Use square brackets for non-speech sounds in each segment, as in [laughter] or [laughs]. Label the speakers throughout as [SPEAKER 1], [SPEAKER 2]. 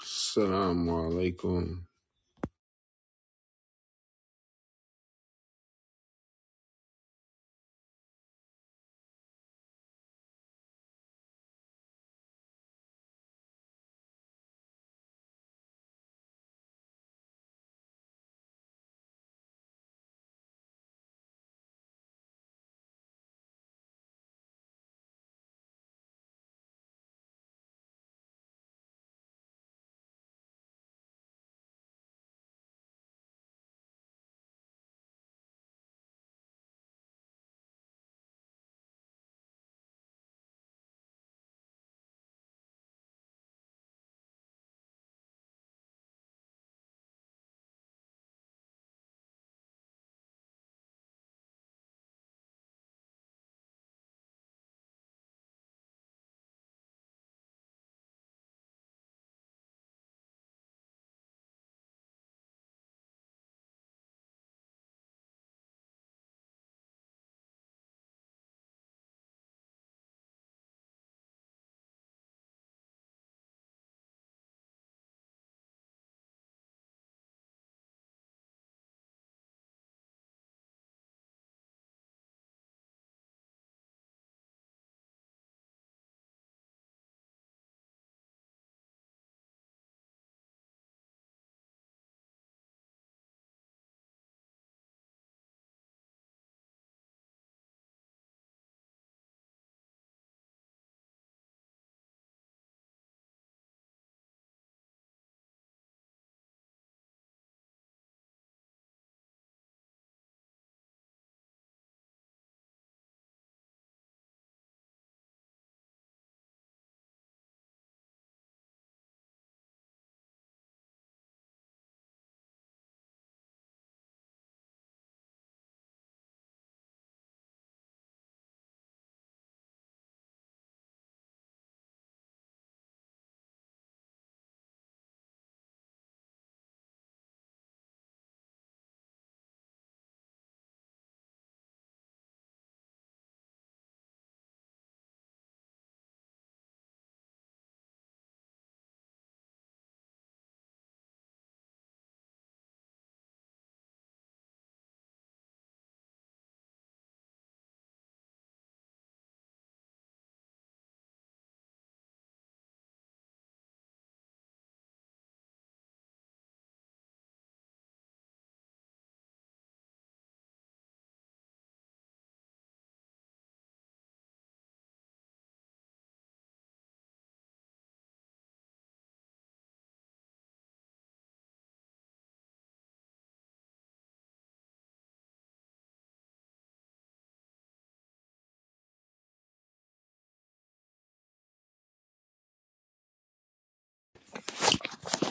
[SPEAKER 1] Assalamu alaikum.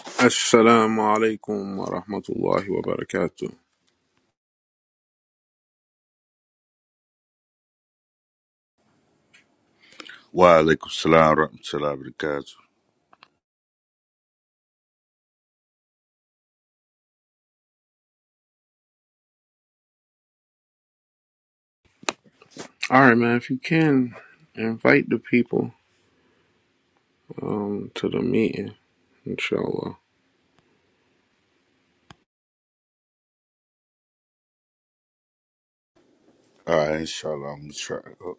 [SPEAKER 1] Assalamu alaikum wa rahmatullahi wa barakatuh.
[SPEAKER 2] Wa alaikum salam wa rahmatullahi wa barakatuh.
[SPEAKER 1] All right, man, if you can, invite the people um, to the meeting, inshallah.
[SPEAKER 2] All right, inshallah, I'm gonna try. it out.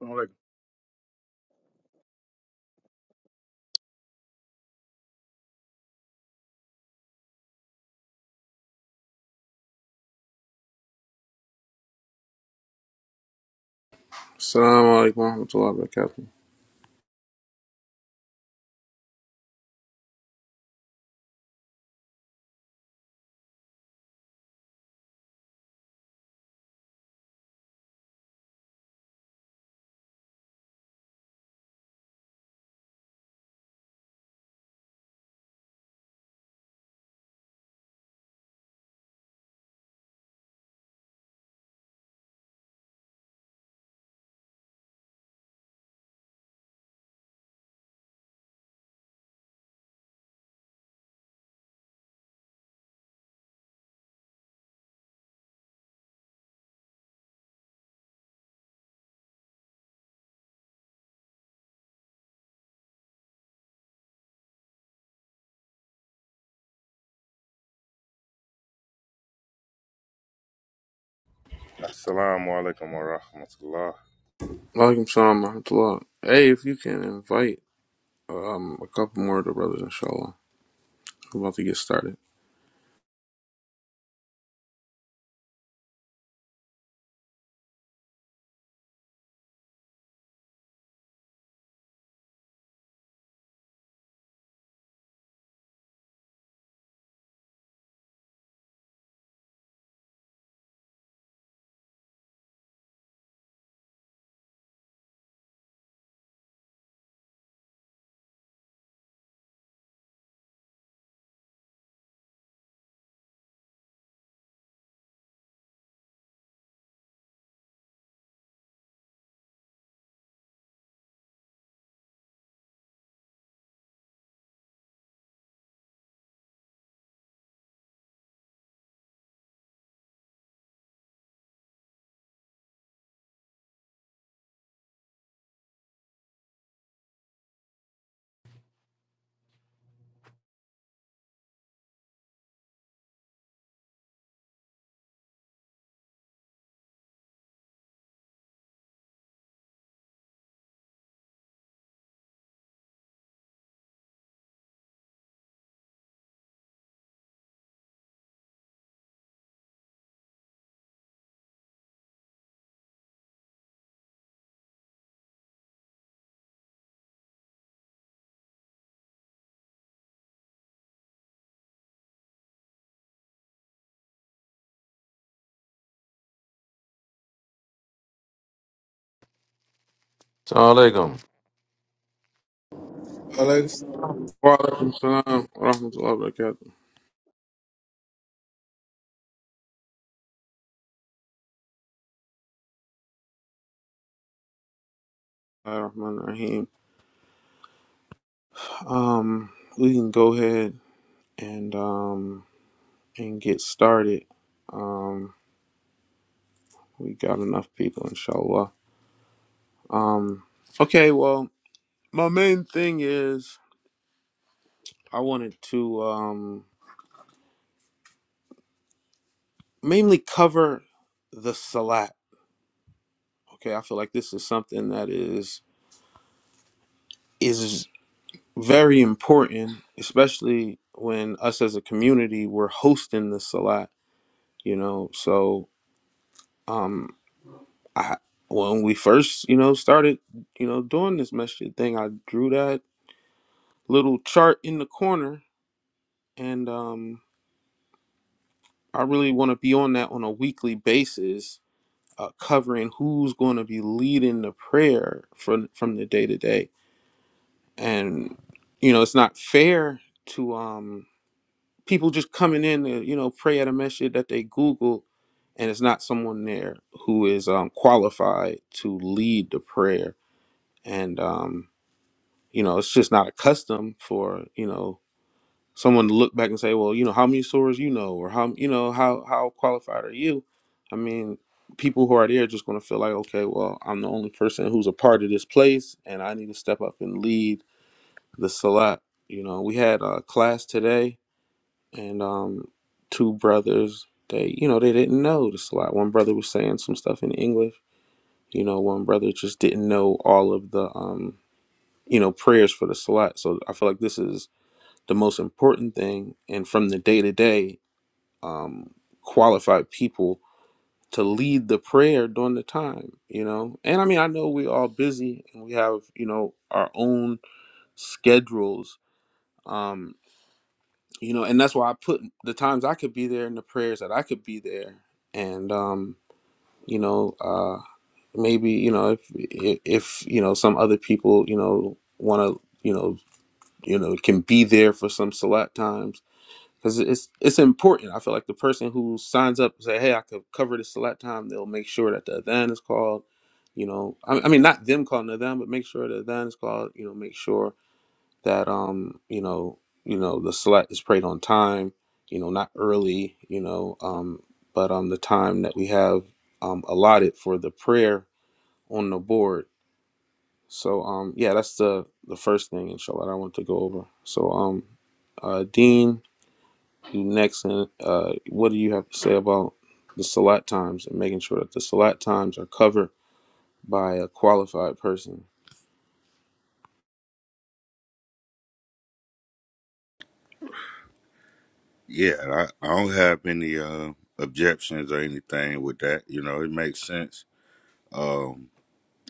[SPEAKER 3] Assalamu
[SPEAKER 1] Assalamu alaikum wa rahmatullahi wa barakatuh.
[SPEAKER 4] Assalamu alaikum wa rahmatullah.
[SPEAKER 1] Wa Alaikum salam wa rahmatullah. Hey, if you can invite um, a couple more of the brothers, inshallah. We're about to get started.
[SPEAKER 5] السلام alaikum.
[SPEAKER 6] Alaikum.
[SPEAKER 1] Wa alaikum salam wa rahmatullahi wa barakatuh. Ar-Rahman rahim Um, we can go ahead and um, and get started. Um. We got enough people, inshallah. Um, okay, well, my main thing is I wanted to um, mainly cover the salat. Okay, I feel like this is something that is is very important, especially when us as a community we're hosting the salat. You know, so um, I when we first you know started you know doing this masjid thing, I drew that little chart in the corner and um, I really want to be on that on a weekly basis, uh, covering who's going to be leading the prayer from from the day to day. And you know, it's not fair to um, people just coming in to you know pray at a message that they Google, and it's not someone there who is um, qualified to lead the prayer. And um, you know, it's just not a custom for you know someone to look back and say, well, you know, how many stores you know, or how you know how how qualified are you? I mean, people who are there are just going to feel like, okay, well, I'm the only person who's a part of this place, and I need to step up and lead the salat. You know, we had a class today, and um, two brothers. They, you know, they didn't know the salat. One brother was saying some stuff in English. You know, one brother just didn't know all of the, um, you know, prayers for the salat. So I feel like this is the most important thing and from the day to day um, qualified people to lead the prayer during the time, you know. And I mean, I know we're all busy and we have, you know, our own schedules, um, you know, and that's why I put the times I could be there and the prayers that I could be there. And, um, you know, uh, maybe, you know, if, if, if, you know, some other people, you know, want to, you know, you know, can be there for some select times because it's it's important. I feel like the person who signs up and say, "Hey, I could cover this select time," they'll make sure that the adhan is called. You know, I, I mean, not them calling the adhan, but make sure the adhan is called. You know, make sure that um, you know, you know, the select is prayed on time. You know, not early. You know, um, but um, the time that we have um allotted for the prayer on the board. So um, yeah, that's the the first thing, inshallah, that I want to go over. So um, uh, Dean next, uh, what do you have to say about the Salat times and making sure that the Salat times are covered by a qualified person?
[SPEAKER 2] Yeah, I, I don't have any uh, objections or anything with that. You know, it makes sense. Um,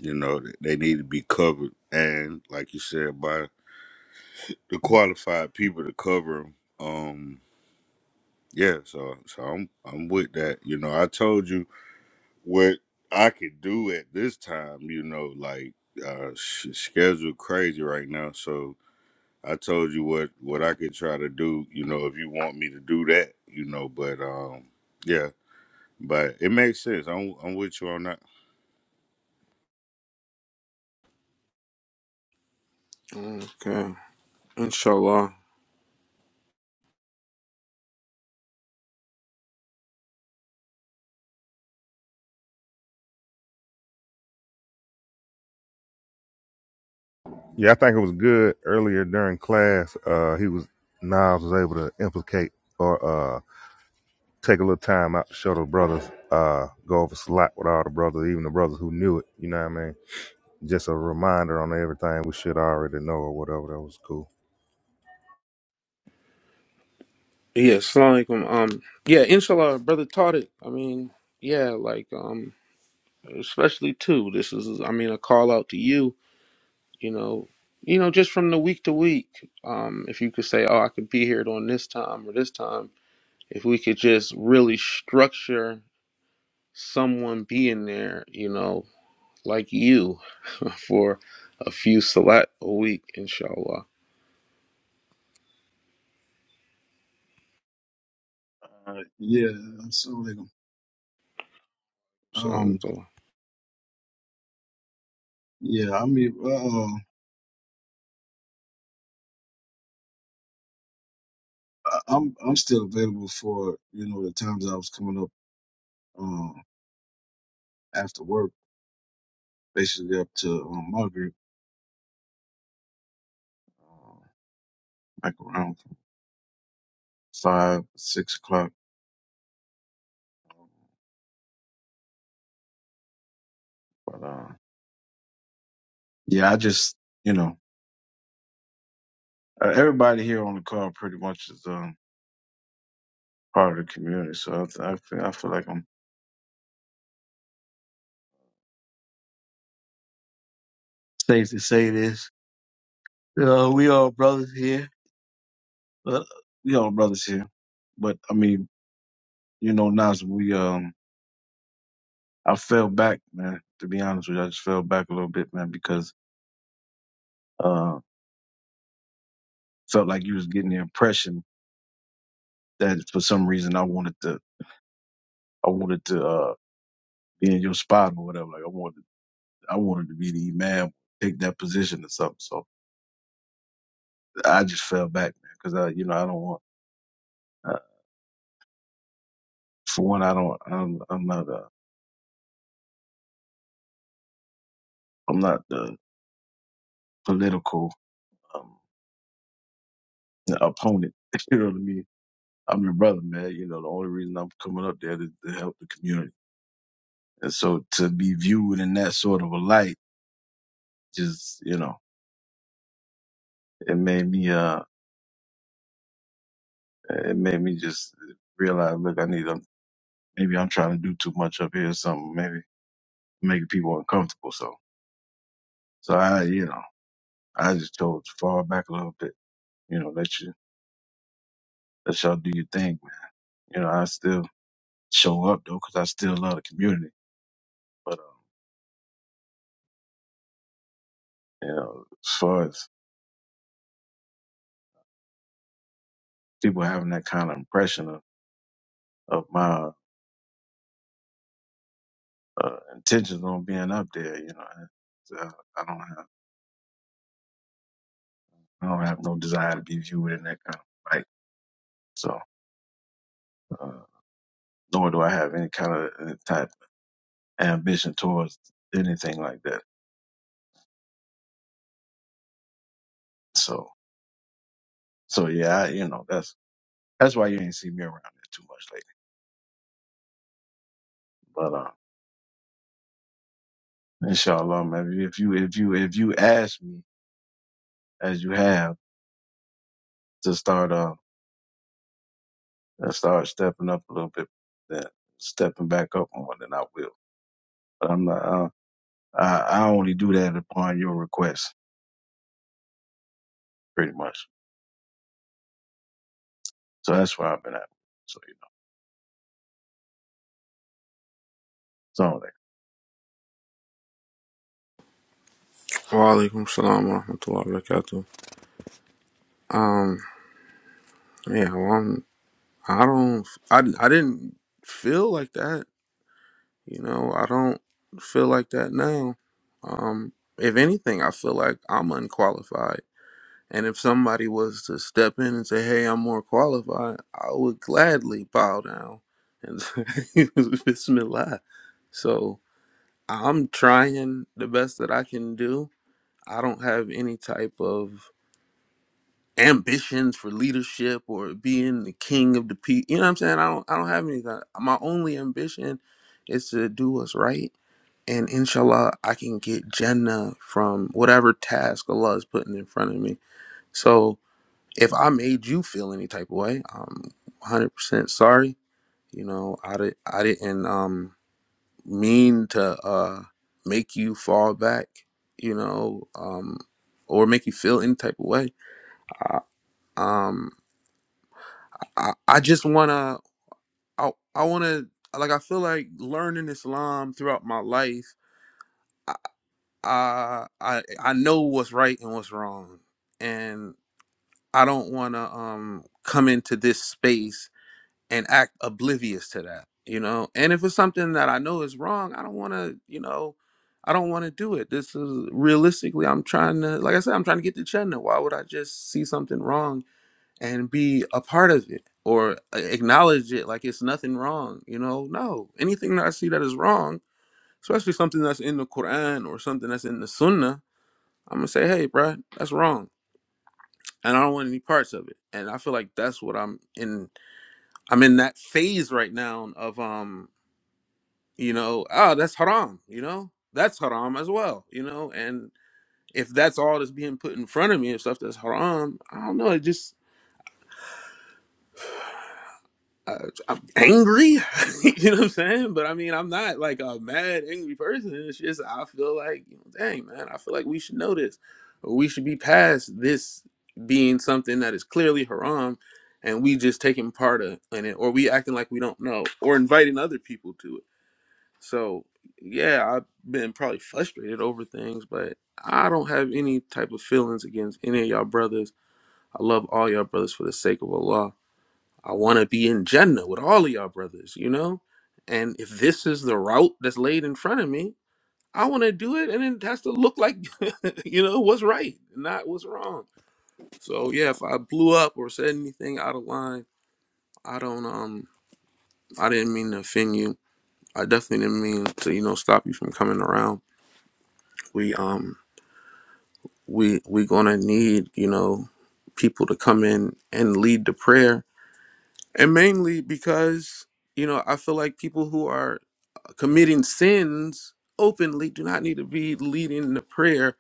[SPEAKER 2] you know, th- they need to be covered, and like you said, by the qualified people to cover them. Um, yeah, so so I'm I'm with that. You know, I told you what I could do at this time. You know, like uh, sh- schedule crazy right now, so I told you what what I could try to do, you know, if you want me to do that, you know, but um yeah, but it makes sense. I'm I'm with you on that.
[SPEAKER 1] Okay, inshallah.
[SPEAKER 4] Yeah, I think it was good earlier during class. Uh, he was Nas was able to implicate or uh take a little time out to show the brothers, uh, go over slot with all the brothers, even the brothers who knew it. You know what I mean? Just a reminder on everything we should already know or whatever. That was cool.
[SPEAKER 1] Yeah, assalamu alaikum. Um, yeah, inshallah, brother taught it. I mean, yeah, like um, especially too. This is, I mean, a call out to you. You know, you know, just from the week to week. Um, if you could say, oh, I could be here on this time or this time. If we could just really structure someone being there, you know, like you [laughs] for a few salat a week, inshallah.
[SPEAKER 3] alaikum. Uh, yeah, assalamu alaikum.
[SPEAKER 1] So, um,
[SPEAKER 3] Um,
[SPEAKER 1] so-
[SPEAKER 3] yeah, I mean, uh, I- I'm I'm still available for you know the times I was coming up uh, after work, basically up to um, my group, uh, like around five six o'clock. But uh, yeah, I just you know uh, everybody here on the call pretty much is um, part of the community, so I I feel, I feel like I'm safe to say this. You know, we all brothers here. Uh, we all brothers here. But I mean. you know, Nas, we um I fell back, man, to be honest with you. I just fell back a little bit, man, because uh felt like you was getting the impression that for some reason I wanted to I wanted to uh be in your spot or whatever. Like I wanted I wanted to be the imam, take that position or something. So I just fell back, man, because I you know I don't want uh, for one I don't I'm I'm not uh I'm not the political um opponent. [laughs] You know what I mean? I'm your brother, man. You know the only reason I'm coming up there is to help the community. And so to be viewed in that sort of a light, just, you know, it made me, uh, it made me just realize, look, I need to, maybe I'm trying to do too much up here or something, maybe making people uncomfortable. So, so I, you know, I just told to fall back a little bit, you know, let you, let y'all do your thing, man. You know, I still show up though, cause I still love the community. But, uh, you know, as far as people having that kind of impression of, of my, uh, intentions on being up there, you know, I, I don't have. I don't have no desire to be viewed in that kind of light. So, uh, nor do I have any kind of uh, type of ambition towards anything like that. So, so yeah, I, you know, that's that's why you ain't see me around it too much lately. But uh, inshallah, man, if you if you if you ask me as you have to start um, uh to start stepping up a little bit, then stepping back up on it, then I will. But I'm not. Uh, I I only do that upon your request, pretty much. So that's where I've been at. So you know, it's all
[SPEAKER 1] Wa alaikum salam wa rahmatullahi wa barakatuh. Um, yeah, well, I'm, I don't, I, I didn't feel like that. You know, I don't feel like that now. Um, if anything, I feel like I'm unqualified. And if somebody was to step in and say, hey, I'm more qualified, I would gladly bow down and [laughs] say, Bismillah. So, I'm trying the best that I can do. I don't have any type of ambitions for leadership or being the king of the people. You know what I'm saying? I don't I don't have any of that. My only ambition is to do what's right. And inshallah I can get Jannah from whatever task Allah is putting in front of me. So if I made you feel any type of way, I'm 100% sorry. You know, I, di- I didn't. Um, mean to uh make you fall back you know um or make you feel any type of way I, um i, I just want to i, I want to like i feel like learning islam throughout my life I, I i know what's right and what's wrong and i don't want to um come into this space and act oblivious to that, you know. And if it's something that I know is wrong, I don't want to, you know, I don't want to do it. This is realistically, I'm trying to, like I said, I'm trying to get to Chetna. Why would I just see something wrong and be a part of it or uh, acknowledge it like it's nothing wrong, you know? No, anything that I see that is wrong, especially something that's in the Quran or something that's in the Sunnah, I'm gonna say, hey, bruh, that's wrong. And I don't want any parts of it. And I feel like that's what I'm in. I'm in that phase right now of um you know, ah, that's haram, you know, that's haram as well, you know, and if that's all that's being put in front of me and stuff that's haram, I don't know, it just uh, I'm angry, [laughs] you know what I'm saying? But I mean, I'm not like a mad angry person. It's just I feel like, you know, dang man, I feel like we should know this, or we should be past this being something that is clearly haram, and we just taking part of in it, or we acting like we don't know, or inviting other people to it So yeah, I've been probably frustrated over things, but I don't have any type of feelings against any of y'all brothers. I love all y'all brothers for the sake of Allah. I want to be in Jannah with all of y'all brothers, you know? And if this is the route that's laid in front of me, I want to do it and it has to look like, [laughs] you know, what's right, not what's wrong. So yeah, if I blew up or said anything out of line, I don't um I didn't mean to offend you. I definitely didn't mean to, you know, stop you from coming around we um we we gonna need you know people to come in and lead the prayer and mainly because you know i feel like people who are committing sins openly do not need to be leading the prayer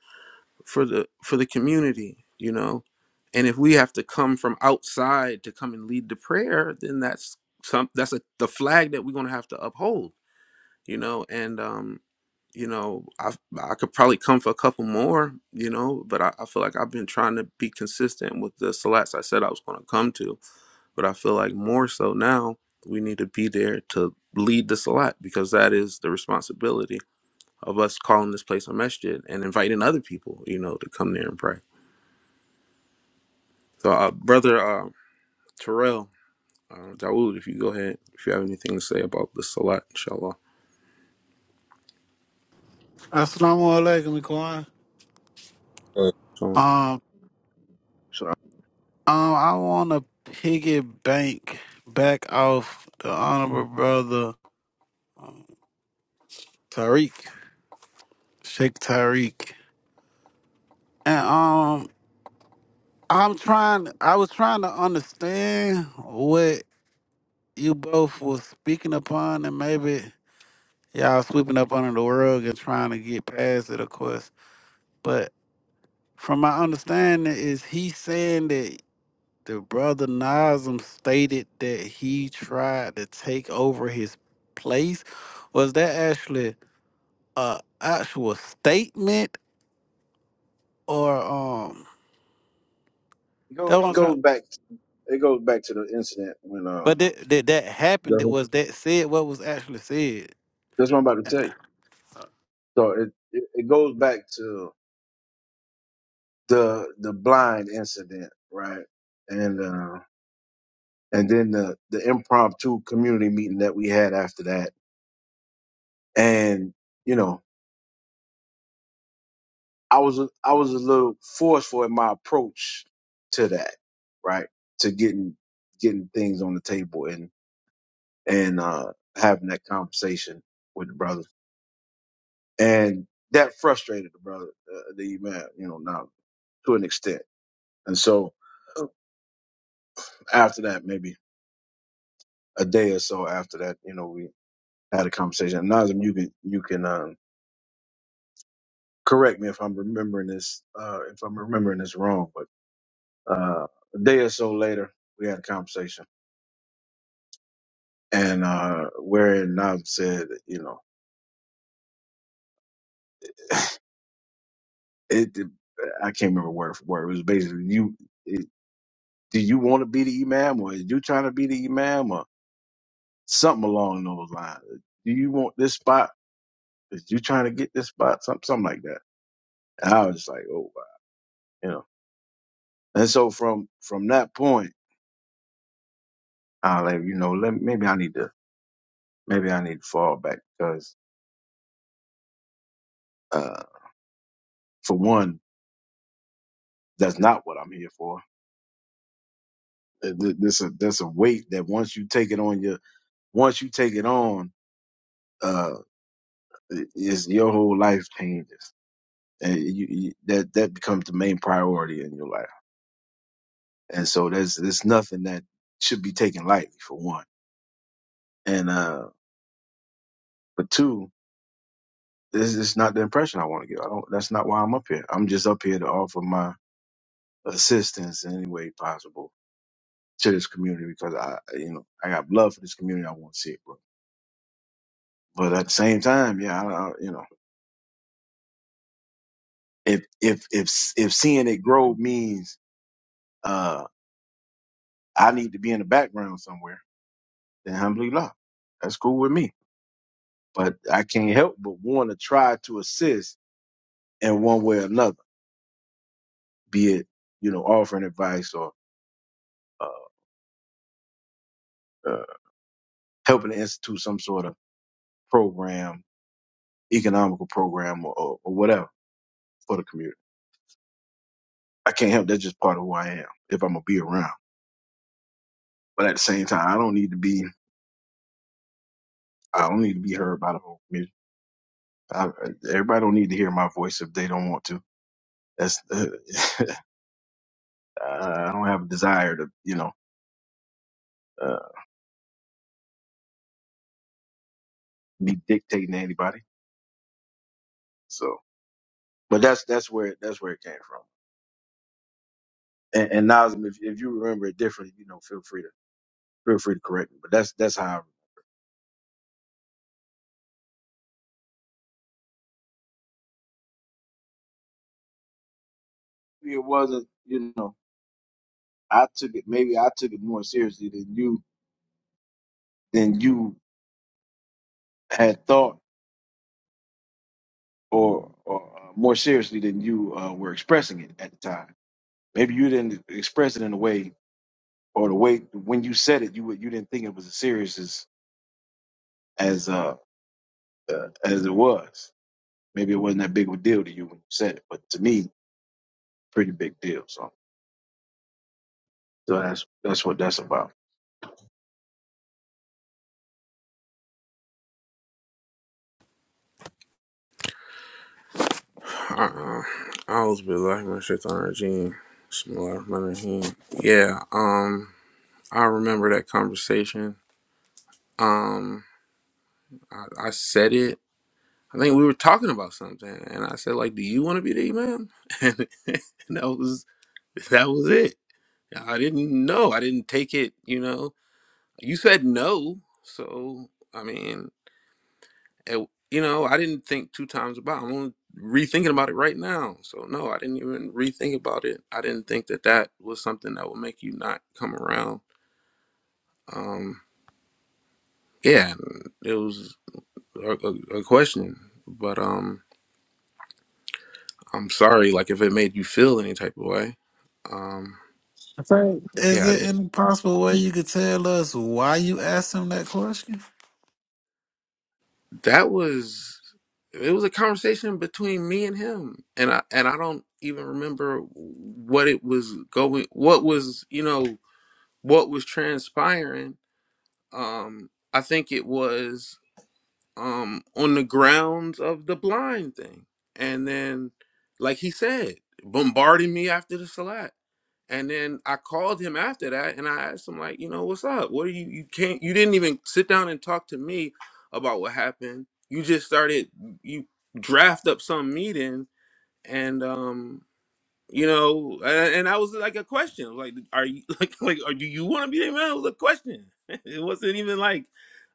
[SPEAKER 1] for the for the community you know and if we have to come from outside to come and lead the prayer then that's some that's a the flag that we're gonna have to uphold you know and um you know, I I could probably come for a couple more, you know, but I, I feel like I've been trying to be consistent with the salats I said I was going to come to, but I feel like more so now we need to be there to lead the salat because that is the responsibility of us calling this place a masjid and inviting other people, you know, to come there and pray. So, uh, brother uh, Terrell uh, Dawood, if you go ahead, if you have anything to say about the salat, inshallah.
[SPEAKER 6] Assalamu alaikum, Kwan.
[SPEAKER 1] Uh, So.
[SPEAKER 6] Um,
[SPEAKER 3] that.
[SPEAKER 6] um, I want to piggy bank back off the honorable brother Tariq, Sheikh Tariq, and um, I'm trying. I was trying to understand what you both was speaking upon, and maybe y'all sweeping up under the rug and trying to get past it, of course. But from my understanding, is he saying that? The brother Nazim stated that he tried to take over his place. Was that actually a actual statement or um
[SPEAKER 3] It go
[SPEAKER 6] that
[SPEAKER 3] it
[SPEAKER 6] was
[SPEAKER 3] goes back it goes back to the incident when uh
[SPEAKER 6] but did, did that happen?
[SPEAKER 3] that's
[SPEAKER 6] That was that said what was actually said?
[SPEAKER 3] that's what I'm about to tell you. So it, it it goes back to the the blind incident, right? And uh and then the the impromptu community meeting that we had after that. And you know, I was a- I was a little forceful in my approach to that, right? To getting getting things on the table and and uh having that conversation with the brothers. and that frustrated the brother, uh, the imam, you know, now to an extent. And so after that, maybe a day or so after that, you know, we had a conversation. And Nazim, you can you can um, correct me if I'm remembering this uh, if I'm remembering this wrong, but uh, a day or so later, we had a conversation, and uh, where Nazim said, you know, it. I can't remember word for word. It was basically you. It, do you want to be the imam, or are you trying to be the imam, or something along those lines. Do you want this spot? Is you trying to get this spot? Something, something like that. And I was just like, oh, wow, you know. And so from from that point, I was like, you know, let, maybe I need to maybe I need to fall back because uh, for one, that's not what I'm here for. Uh, th- This a that's a weight that once you take it on your once you take it on, uh, is your whole life changes. And you, you, that that becomes the main priority in your life And so there's there's nothing that should be taken lightly for one. And uh but two, this is not the impression I want to give. I don't that's not why I'm up here. I'm just up here to offer my assistance in any way possible to this community because I you know, I got love for this community. I want to see it grow. But at the same time, yeah, I, I you know, if if if if seeing it grow means uh I need to be in the background somewhere, then humbly love. That's cool with me. But I can't help but want to try to assist in one way or another be it you know offering advice or uh, uh, helping to institute some sort of program, economical program, or, or, or whatever for the community. I can't help that's just part of who I am if I'm gonna be around. But at the same time, I don't need to be I don't need to be heard by the whole community. I, everybody don't need to hear my voice if they don't want to. That's [laughs] I don't have a desire to you know uh, be dictating to anybody. So, but that's that's where that's where it came from. And, and Nazim, if, if you remember it differently, you know, feel free to Feel free to correct me, but that's that's how. I, read it It wasn't, you know, I took it. Maybe I took it more seriously than you than you had thought, or or uh, more seriously than you uh, were expressing it at the time. Maybe you didn't express it in a way, or the way when you said it, you would- you didn't think it was as serious as as uh, uh as it was. Maybe it wasn't that big of a deal to you when you said it, but to me, pretty big deal. So so that's that's what that's about.
[SPEAKER 1] Uh-uh. I always be like my shit on regime. Smell my hand. Yeah, um, I remember that conversation. Um, I, I said it. I think we were talking about something, and I said like, "Do you want to be the imam?" [laughs] And, that was that was it. I didn't know. I didn't take it. You know, you said no, so I mean. it- you know, I didn't think two times about. it. I'm only rethinking about it right now. So no, I didn't even rethink about it. I didn't think that that was something that would make you not come around. Um, yeah, and it was a, a, a question, but um, I'm sorry. Like if it made you feel any type of way. Um,
[SPEAKER 6] I think is
[SPEAKER 1] yeah, I
[SPEAKER 6] it
[SPEAKER 1] didn't.
[SPEAKER 6] any possible way you could tell us why you asked him that question?
[SPEAKER 1] That was it was a conversation between me and him, and I and I don't even remember what it was going. What was you know what was transpiring, um, I think it was um, on the grounds of the blind thing. And then, like he said, bombarding me after the salat. And then I called him after that and I asked him, like, you know, what's up? What are you, you can't, you didn't even sit down and talk to me about what happened. You just started, you draft up some meeting. And, um, you know and, and i was like a question like are you [laughs] like like or do you want to be there man it was a question [laughs] it wasn't even like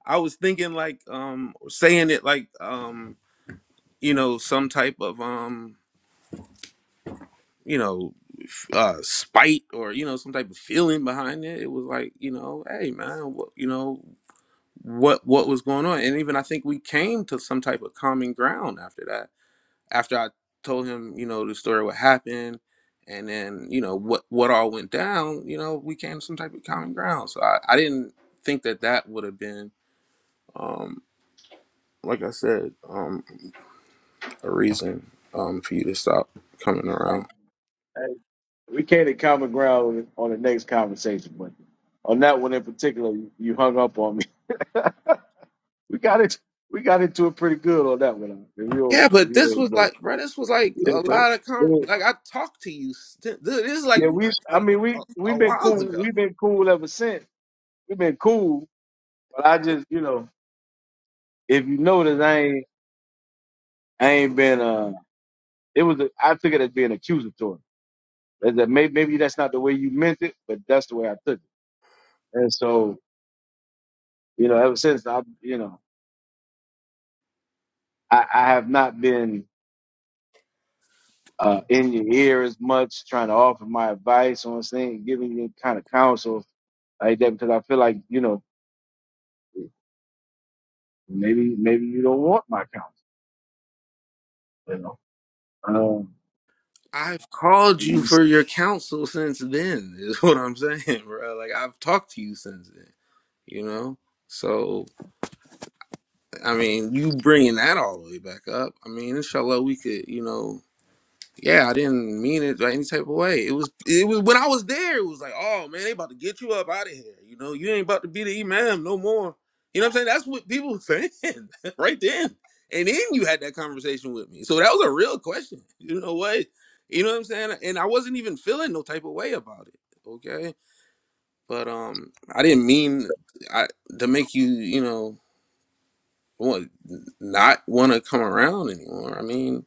[SPEAKER 1] i was thinking like um saying it like um you know some type of um you know f- uh spite or you know some type of feeling behind it it was like you know hey man what you know what what was going on and even i think we came to some type of common ground after that after I told him, you know, the story what happened and then, you know, what what all went down, you know, we came to some type of common ground. So I, I didn't think that that would have been, um, like I said, um, a reason um, for you to stop coming around.
[SPEAKER 3] We came to common ground on the next conversation, but on that one in particular, you you hung up on me. [laughs] we got it. We got into it pretty good on that one. If
[SPEAKER 1] Yeah,
[SPEAKER 3] you if
[SPEAKER 1] but this
[SPEAKER 3] you
[SPEAKER 1] was
[SPEAKER 3] don't know,
[SPEAKER 1] like, bro, this was like a
[SPEAKER 3] yeah, but
[SPEAKER 1] lot of, con
[SPEAKER 3] but,
[SPEAKER 1] like I talked to you. st- This is like,
[SPEAKER 3] yeah,
[SPEAKER 1] mon-
[SPEAKER 3] we. I
[SPEAKER 1] like
[SPEAKER 3] mean,
[SPEAKER 1] a,
[SPEAKER 3] we
[SPEAKER 1] a
[SPEAKER 3] we've been
[SPEAKER 1] while
[SPEAKER 3] cool.
[SPEAKER 1] ago.
[SPEAKER 3] We've been cool ever since. We've been cool. But I just, you know, if you notice, I ain't I ain't been. Uh, it was. A, I took it as being accusatory. As that maybe maybe that's not the way you meant it, but that's the way I took it. And so, you know, ever since I, you know, I, I have not been. uh, in your ear as much, trying to offer my advice on things, giving you kind of counsel like that because I feel like you know maybe maybe you don't want my counsel, you know. Um,
[SPEAKER 1] I've called
[SPEAKER 3] maybe you,
[SPEAKER 1] you for your counsel since then, is [laughs] what I'm saying, bro. Like, I've talked to you since then, you know? So, I mean, you bringing that all the way back up. I mean, inshallah, we could, you know, yeah, I didn't mean it like any type of way. It was it was when I was there, it was like, oh man, they about to get you up out of here. You know, you ain't about to be the imam no more. You know what I'm saying? That's what people were saying [laughs] right then. And then you had that conversation with me. So that was a real question. You know what? You know what I'm saying? And I wasn't even feeling no type of way about it. Okay. But um I didn't mean I, to make you, you know, want, not want to come around anymore. I mean,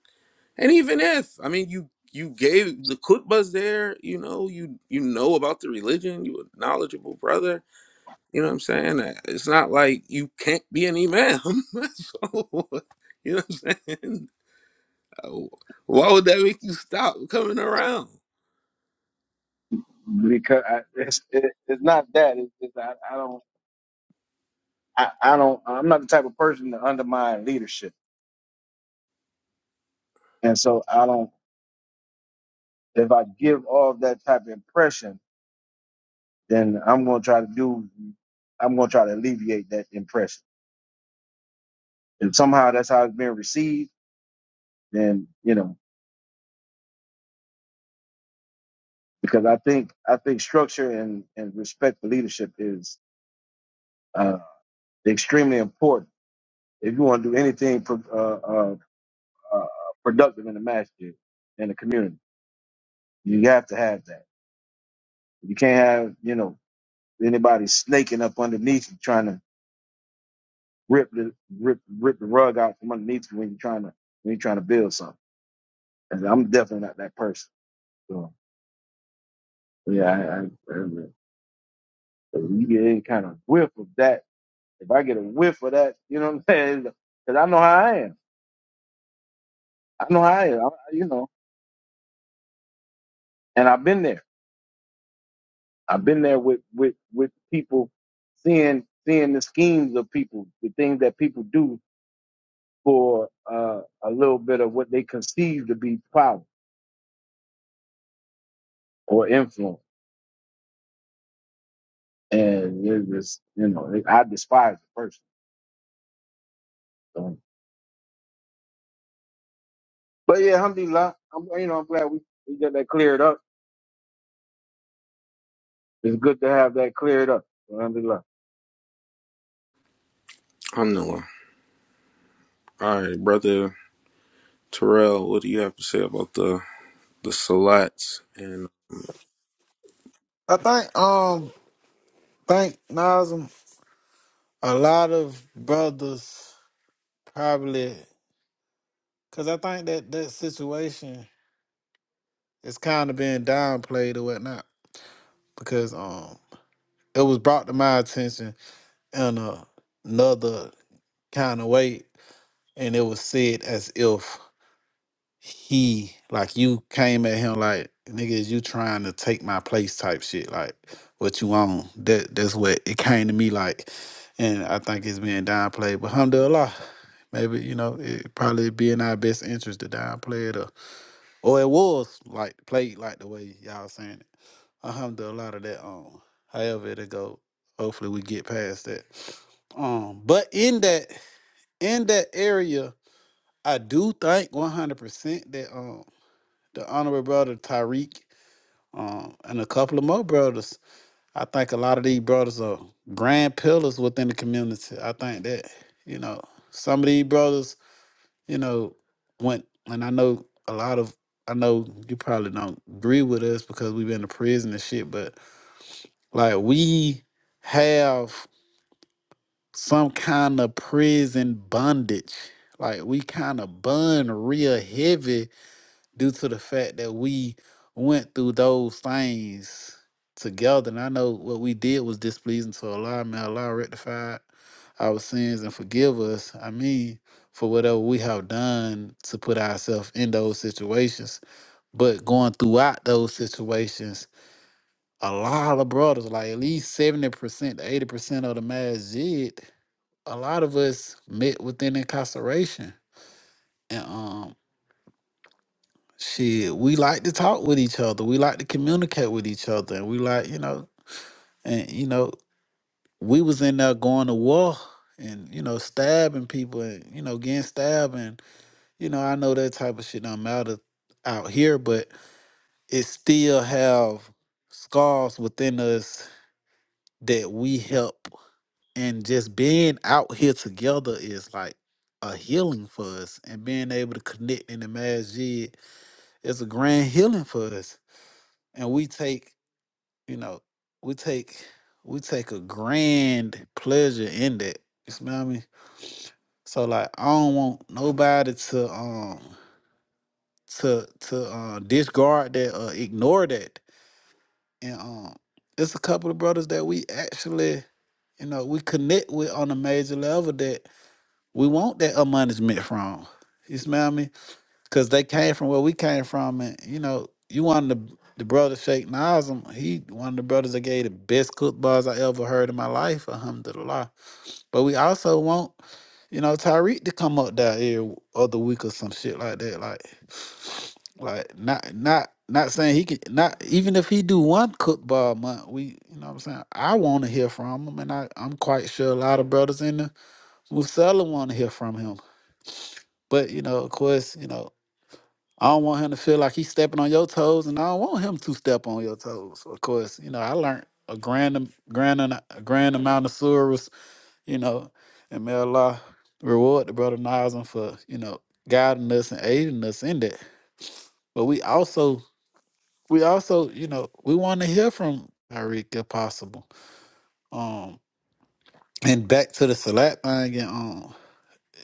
[SPEAKER 1] and even if, I mean, you you gave the khutbahs there, you know, you you know about the religion, you a knowledgeable brother. You know what I'm saying? Uh, It's not like you can't be an imam. [laughs] so, you know what I'm saying? Uh, Why would that make you stop coming around?
[SPEAKER 3] because I, it's it, it's not that it's just I, I don't I, I don't I'm not the type of person to undermine leadership, and so I don't if I give off that type of impression, then I'm gonna try to do I'm gonna try to alleviate that impression. If somehow that's how it's being received, then you know. because I think I think structure and, and respect for leadership is uh, extremely important if you want to do anything pro- uh, uh, uh, productive in the master in the community. You have to have that. You can't have you know anybody snaking up underneath you trying to rip the rip rip the rug out from underneath you when you're trying to when you're trying to build something. And I'm definitely not that person. So yeah, I, I, I, if you get any kind of whiff of that If I get a whiff of that, you know what I'm saying? Because I know how I am. I know how I am. I, you know, and I've been there. I've been there with with with people, seeing seeing the schemes of people, the things that people do for uh, a little bit of what they conceive to be power or influence. And it was, you know, it- I despise the person. So, but yeah, alhamdulillah, I'm, you know, I'm glad we, we got that cleared up. It's good to have that cleared up. Alhamdulillah.
[SPEAKER 1] I'm nowhere. All right, brother Terrell, what do you have to say about the the salats and
[SPEAKER 6] I think um think Nazim a lot of brothers probably because I think that that situation. it's kind of being downplayed or whatnot because um it was brought to my attention in a, another kind of way and it was said as if he like you came at him like nigga is you trying to take my place type shit like what you on that that's what it came to me like and I think it's being downplayed but alhamdulillah maybe you know it probably be in our best interest to downplay it or, or it was like played like the way y'all saying it I hummed a lot of that on. However it'll go. Hopefully we get past that. Um, but in that in that area, I do think one hundred percent that um the honorable brother Tariq um and a couple of more brothers, I think a lot of these brothers are grand pillars within the community. I think that you know some of these brothers, you know, went and I know a lot of I know you probably don't agree with us because we've been to prison and shit, but Like we have some kind of prison bondage. Like we kind of bun real heavy due to the fact that we went through those things together. And I know what we did was displeasing to Allah. May Allah rectify our sins and forgive us. I mean, for whatever we have done to put ourselves in those situations. But going throughout those situations, a lot of brothers, like at least 70% to 80% of the masjid, a lot of us met within incarceration. And um shit, we like to talk with each other. We like to communicate with each other. And we like, you know, and you know, we was in there going to war and, you know, stabbing people and, you know, getting stabbed and, you know, I know that type of shit don't matter out here, but it still have scars within us that we help and just being out here together is like a healing for us and being able to connect in the masjid is a grand healing for us and we take you know we take we take a grand pleasure in that you smell me so like i don't want nobody to um to to uh discard that or ignore that and um it's a couple of brothers that we actually you know we connect with on a major level that. We want that admonishment from. You smell me? Because they came from where we came from, and you know, you one of the the brother Sheikh Nazim. He one of the brothers that gave the best cook bars I ever heard in my life. Alhamdulillah. But we also want, you know, Tyreek to come up there every other week or some shit like that. Like, like not not. Not saying he can not even if he do one cook bar a month, we you know what I'm saying. I want to hear from him, and I I'm quite sure a lot of brothers in the Musella want to hear from him. But you know, of course, you know, I don't want him to feel like he's stepping on your toes, and I don't want him to step on your toes. Of course, you know, I learned a grand, am- grand, an- a grand amount of surahs, you know, and may Allah reward the brother Nazim for you know guiding us and aiding us in that. But we also, we also, you know, we want to hear from Tariq if possible. Um, and back to the Salat thing, and um,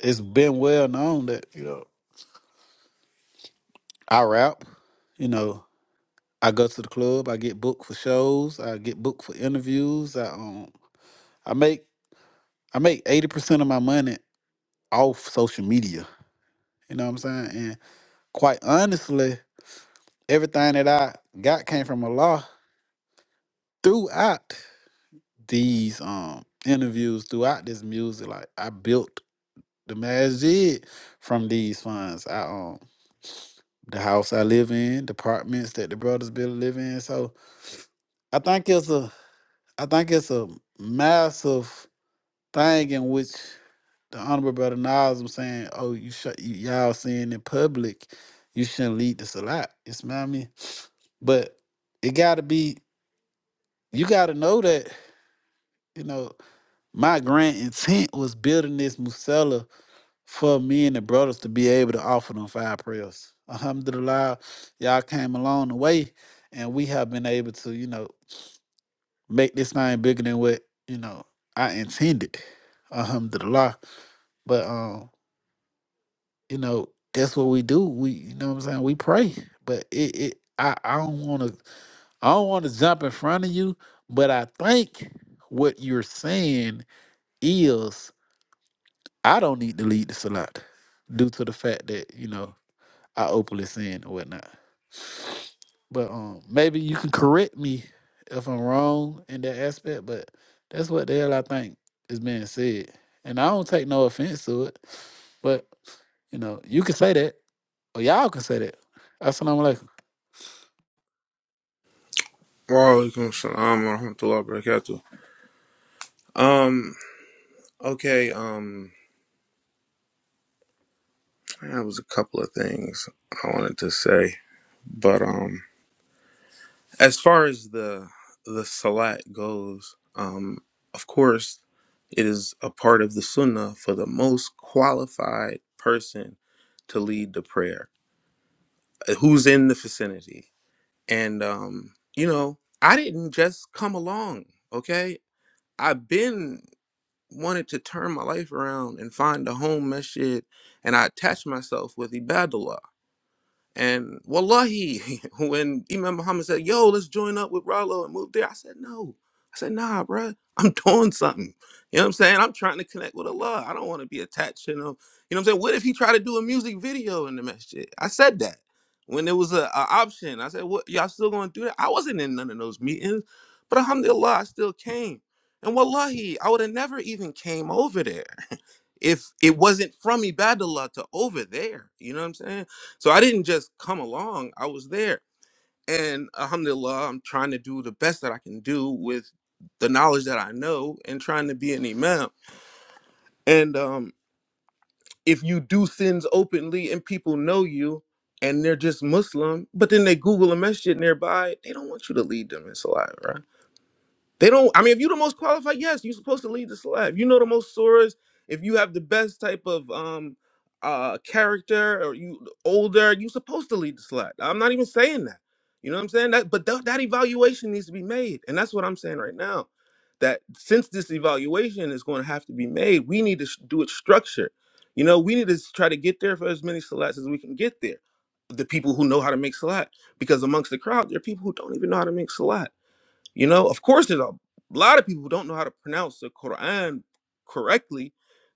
[SPEAKER 6] it's been well known that you know I rap, you know. I go to the club. I get booked for shows. I get booked for interviews. I um I make I make eighty percent of my money off social media. You know what I'm saying? And quite honestly, everything that I got came from Allah throughout these um interviews, throughout this music. Like I built the masjid from these funds. I um the house I live in, the apartments that the brothers built live in. So I think it's a I think it's a massive thing in which the honorable brother Nas was saying, "Oh, you, sh- you y'all saying in public, you shouldn't lead this a lot." You smell me? But it gotta be. You gotta know that you know my grand intent was building this musella for me and the brothers to be able to offer them five prayers. Alhamdulillah, y'all came along the way, and we have been able to you know make this thing bigger than what you know I intended. Alhamdulillah, but um. you know, that's what we do. We, you know what I'm saying? We pray, but it, it I, I don't want to, I don't want to jump in front of you, but I think what you're saying is I don't need to lead this a lot due to the fact that, you know, I openly sin and whatnot. But um, maybe you can correct me if I'm wrong in that aspect, but that's what the hell I think is being said. And I don't take no offense to it, but you know, you can say that. Oh, y'all can say that. Assalamu alaikum.
[SPEAKER 1] Wa alaikum salam wa rahmatullahi wa barakatuh. Um, okay, um, That was a couple of things I wanted to say, but um, as far as the the salat goes, um, of course, it is a part of the sunnah for the most qualified person to lead the prayer, uh, who's in the vicinity, and um, you know, I didn't just come along. Okay, I've been wanted to turn my life around and find a home meshed, and I attached myself with Ibadullah And wallahi, [laughs] when Imam Muhammad said, "Yo, let's join up with Rollo and move there," I said, "No." I said, "Nah, bruh. [laughs] I'm doing something. You know what I'm saying? I'm trying to connect with Allah. I don't want to be attached to him. You know what I'm saying? What if he tried to do a music video in the masjid? I said that when there was a, a option. I said, "What? Y'all still going to do that?" I wasn't in none of those meetings, but alhamdulillah, I still came. And wallahi, I would have never even came over there [laughs] if it wasn't from Ibadullah to over there. You know what I'm saying? So I didn't just come along, I was there. And alhamdulillah, I'm trying to do the best that I can do with the knowledge that I know and trying to be an imam. And um, if you do sins openly and people know you and they're just Muslim, but then they Google a masjid nearby, they don't want you to lead them in Salah, right? They don't. I mean, if you're the most qualified, yes, you're supposed to lead the this If You know the most stories. If you have the best type of um uh character, or you older, you're supposed to lead the life. I'm not even saying that. You know what I'm saying? That, but that that evaluation needs to be made, and that's what I'm saying right now. That since this evaluation is going to have to be made, we need to sh- do it structured. You know, we need to s- try to get there for as many selats as we can get there. The people who know how to make salat, because amongst the crowd, there are people who don't even know how to make salat you know, of course, there's a lot of people who don't know how to pronounce the Quran correctly,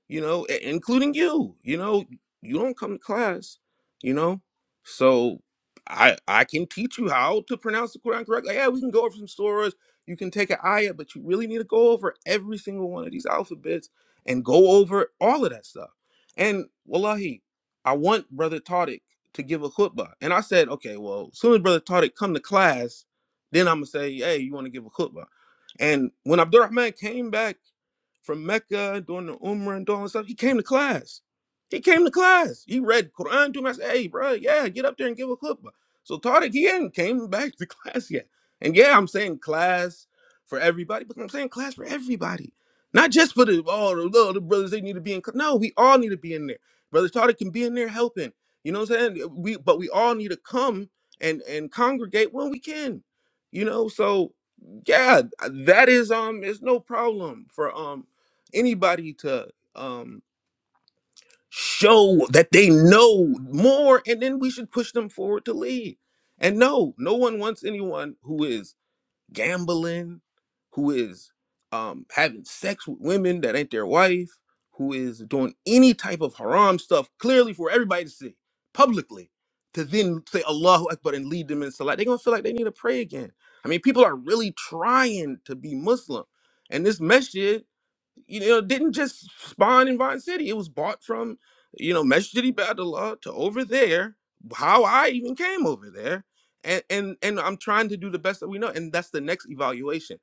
[SPEAKER 1] you know, i- including you. You know, you don't come to class, you know, so I I can teach you how to pronounce the Quran correctly. Yeah, we can go over some surahs. You can take an ayah, but you really need to go over every single one of these alphabets and go over all of that stuff. And wallahi, I want Brother Tariq to give a khutbah. And I said, okay, well, soon as Brother Tariq come to class, then I'm gonna say, hey, you want to give a khutbah? And when Abdurrahman came back from Mecca doing the Umrah and doing all this stuff. He came to class. He came to class. He read Quran to him. I said, hey, bro, yeah, get up there and give a khutbah. So Tariq, he hadn't came back to [laughs] class yet. And yeah, I'm saying class for everybody, but I'm saying class for everybody. Not just for the all the little the brothers, they need to be in class. No, we all need to be in there. Brother Tariq can be in there helping. You know what I'm saying? We but we all need to come and and congregate when we can. You know, so yeah, that is um it's no problem for um anybody to um show that they know more and then we should push them forward to lead and no no one wants anyone who is gambling, who is um, having sex with women that ain't their wife, who is doing any type of haram stuff clearly for everybody to see publicly, to then say Allahu Akbar and lead them in Salah, they're gonna feel like they need to pray again. I mean, people are really trying to be Muslim. And this masjid, you know, didn't just spawn in Vine City. It was bought from, you know, Masjid Ibadullah to over there, how I even came over there and and and I'm trying to do the best that we know, and that's the next evaluation.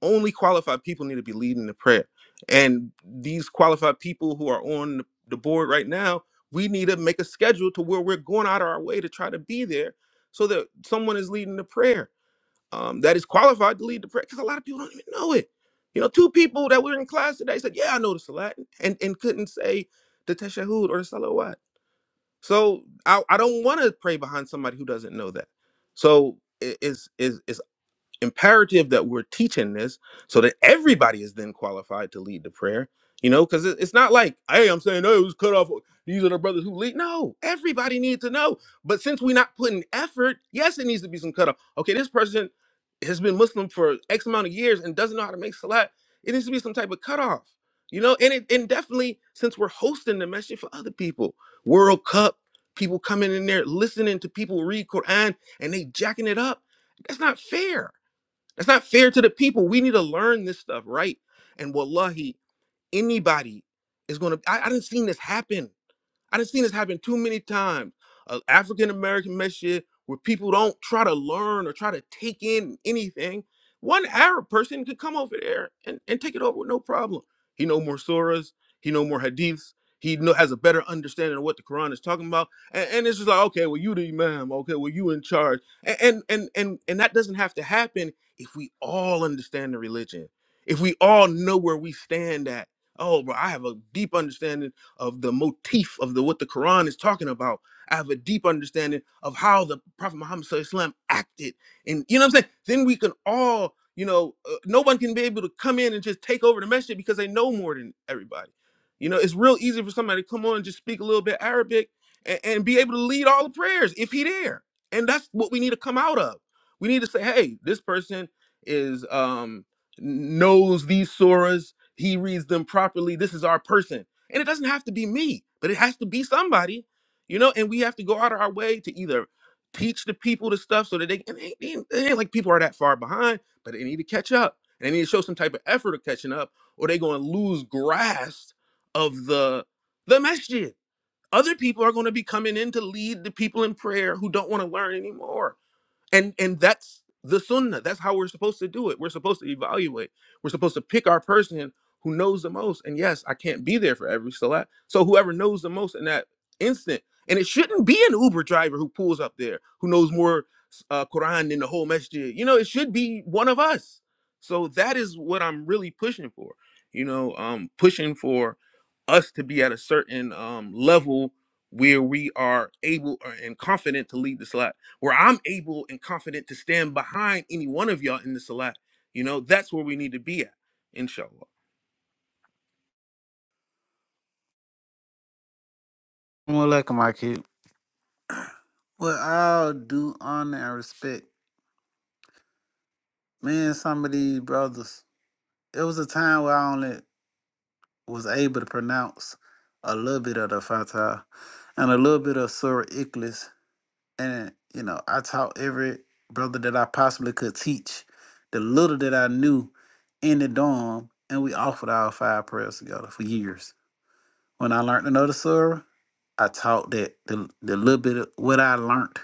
[SPEAKER 1] Only qualified people need to be leading the prayer, and these qualified people who are on the board right now, we need to make a schedule to where we're going out of our way to try to be there, so that someone is leading the prayer um, that is qualified to lead the prayer. Because a lot of people don't even know it. You know, two people that were in class today said, "Yeah, I know the Salat," and and couldn't say the Teshahud or the Salawat so I, I don't want to pray behind somebody who doesn't know that. So is is is imperative that we're teaching this so that everybody is then qualified to lead the prayer. You know, because it's not like, hey, I'm saying, oh, it was cut off. uh, These are the brothers who lead. No, everybody needs to know. But since we're not putting effort, yes, it needs to be some cutoff. Okay, this person has been Muslim for X amount of years and doesn't know how to make salat. It needs to be some type of cutoff. You know, and it and definitely since we're hosting the message for other people, World Cup, people coming in there listening to people read Quran and they jacking it up. That's not fair that's not fair to the people. We need to learn this stuff, right? And wallahi, anybody is gonna. I, I didn't seen this happen. I done seen this happen too many times. Uh, African American messiah where people don't try to learn or try to take in anything. One Arab person could come over there and, and take it over with no problem. He know more surahs, he know more hadiths, he know, has a better understanding of what the Quran is talking about. And, and it's just like, okay, well you the imam, okay, well you in charge. A- And and and and that doesn't have to happen if we all understand the religion. If we all know where we stand at. Oh, bro, I have a deep understanding of the motif of the what the Quran is talking about. I have a deep understanding of how the Prophet Muhammad SAW acted, and you know what I'm saying. Then we can all, you know, uh, no one can be able to come in and just take over the message because they know more than everybody. You know, it's real easy for somebody to come on and just speak a little bit Arabic and, and be able to lead all the prayers if he there. And that's what we need to come out of. We need to say, hey, this person is um knows these surahs. He reads them properly. This is our person. And it doesn't have to be me, but it has to be somebody, you know. And we have to go out of our way to either teach the people the stuff so that they, and they, they, ain't it ain't like people are that far behind, but they need to catch up. And they need to show some type of effort of catching up, or they're going to lose grasp of the the masjid. Other people are going to be coming in to lead the people in prayer who don't want to learn anymore and and that's the sunnah that's how we're supposed to do it we're supposed to evaluate we're supposed to pick our person who knows the most and yes i can't be there for every salat so whoever knows the most in that instant and it shouldn't be an uber driver who pulls up there who knows more uh, quran than the whole masjid you know it should be one of us so that is what i'm really pushing for you know um pushing for us to be at a certain um level where we are able uh, and confident to lead the salat where I'm able and confident to stand behind any one of y'all in the salat. You know, that's where we need to be at, inshallah.
[SPEAKER 6] Assalamu alaikum, my kid. With all due honor and respect, me and some of these brothers, it was a time where I only was able to pronounce a little bit of the Fatah and a little bit of Surah Ikhlas. And, you know, I taught every brother that I possibly could teach the little that I knew in the dorm, and we offered our five prayers together for years. When I learned another Surah, I taught that the, the little bit of what I learned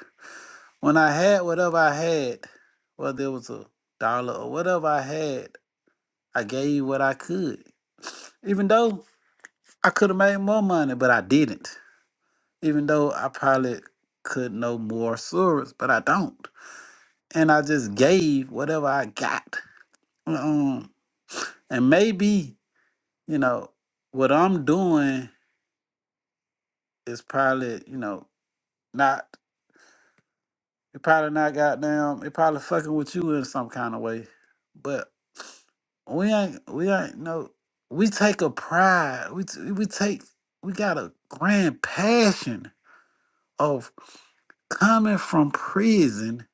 [SPEAKER 6] When I had whatever I had, whether it was a dollar or whatever I had, I gave what I could. Even though I could have made more money, but I didn't. Even though I probably could know more stories, but I don't. And I just gave whatever I got. Um, and maybe, you know, what I'm doing is probably, you know, not. It probably not goddamn. It probably fucking with you in some kind of way, but we ain't. We ain't no. We take a pride. We t- we take. We got a grand passion of coming from prison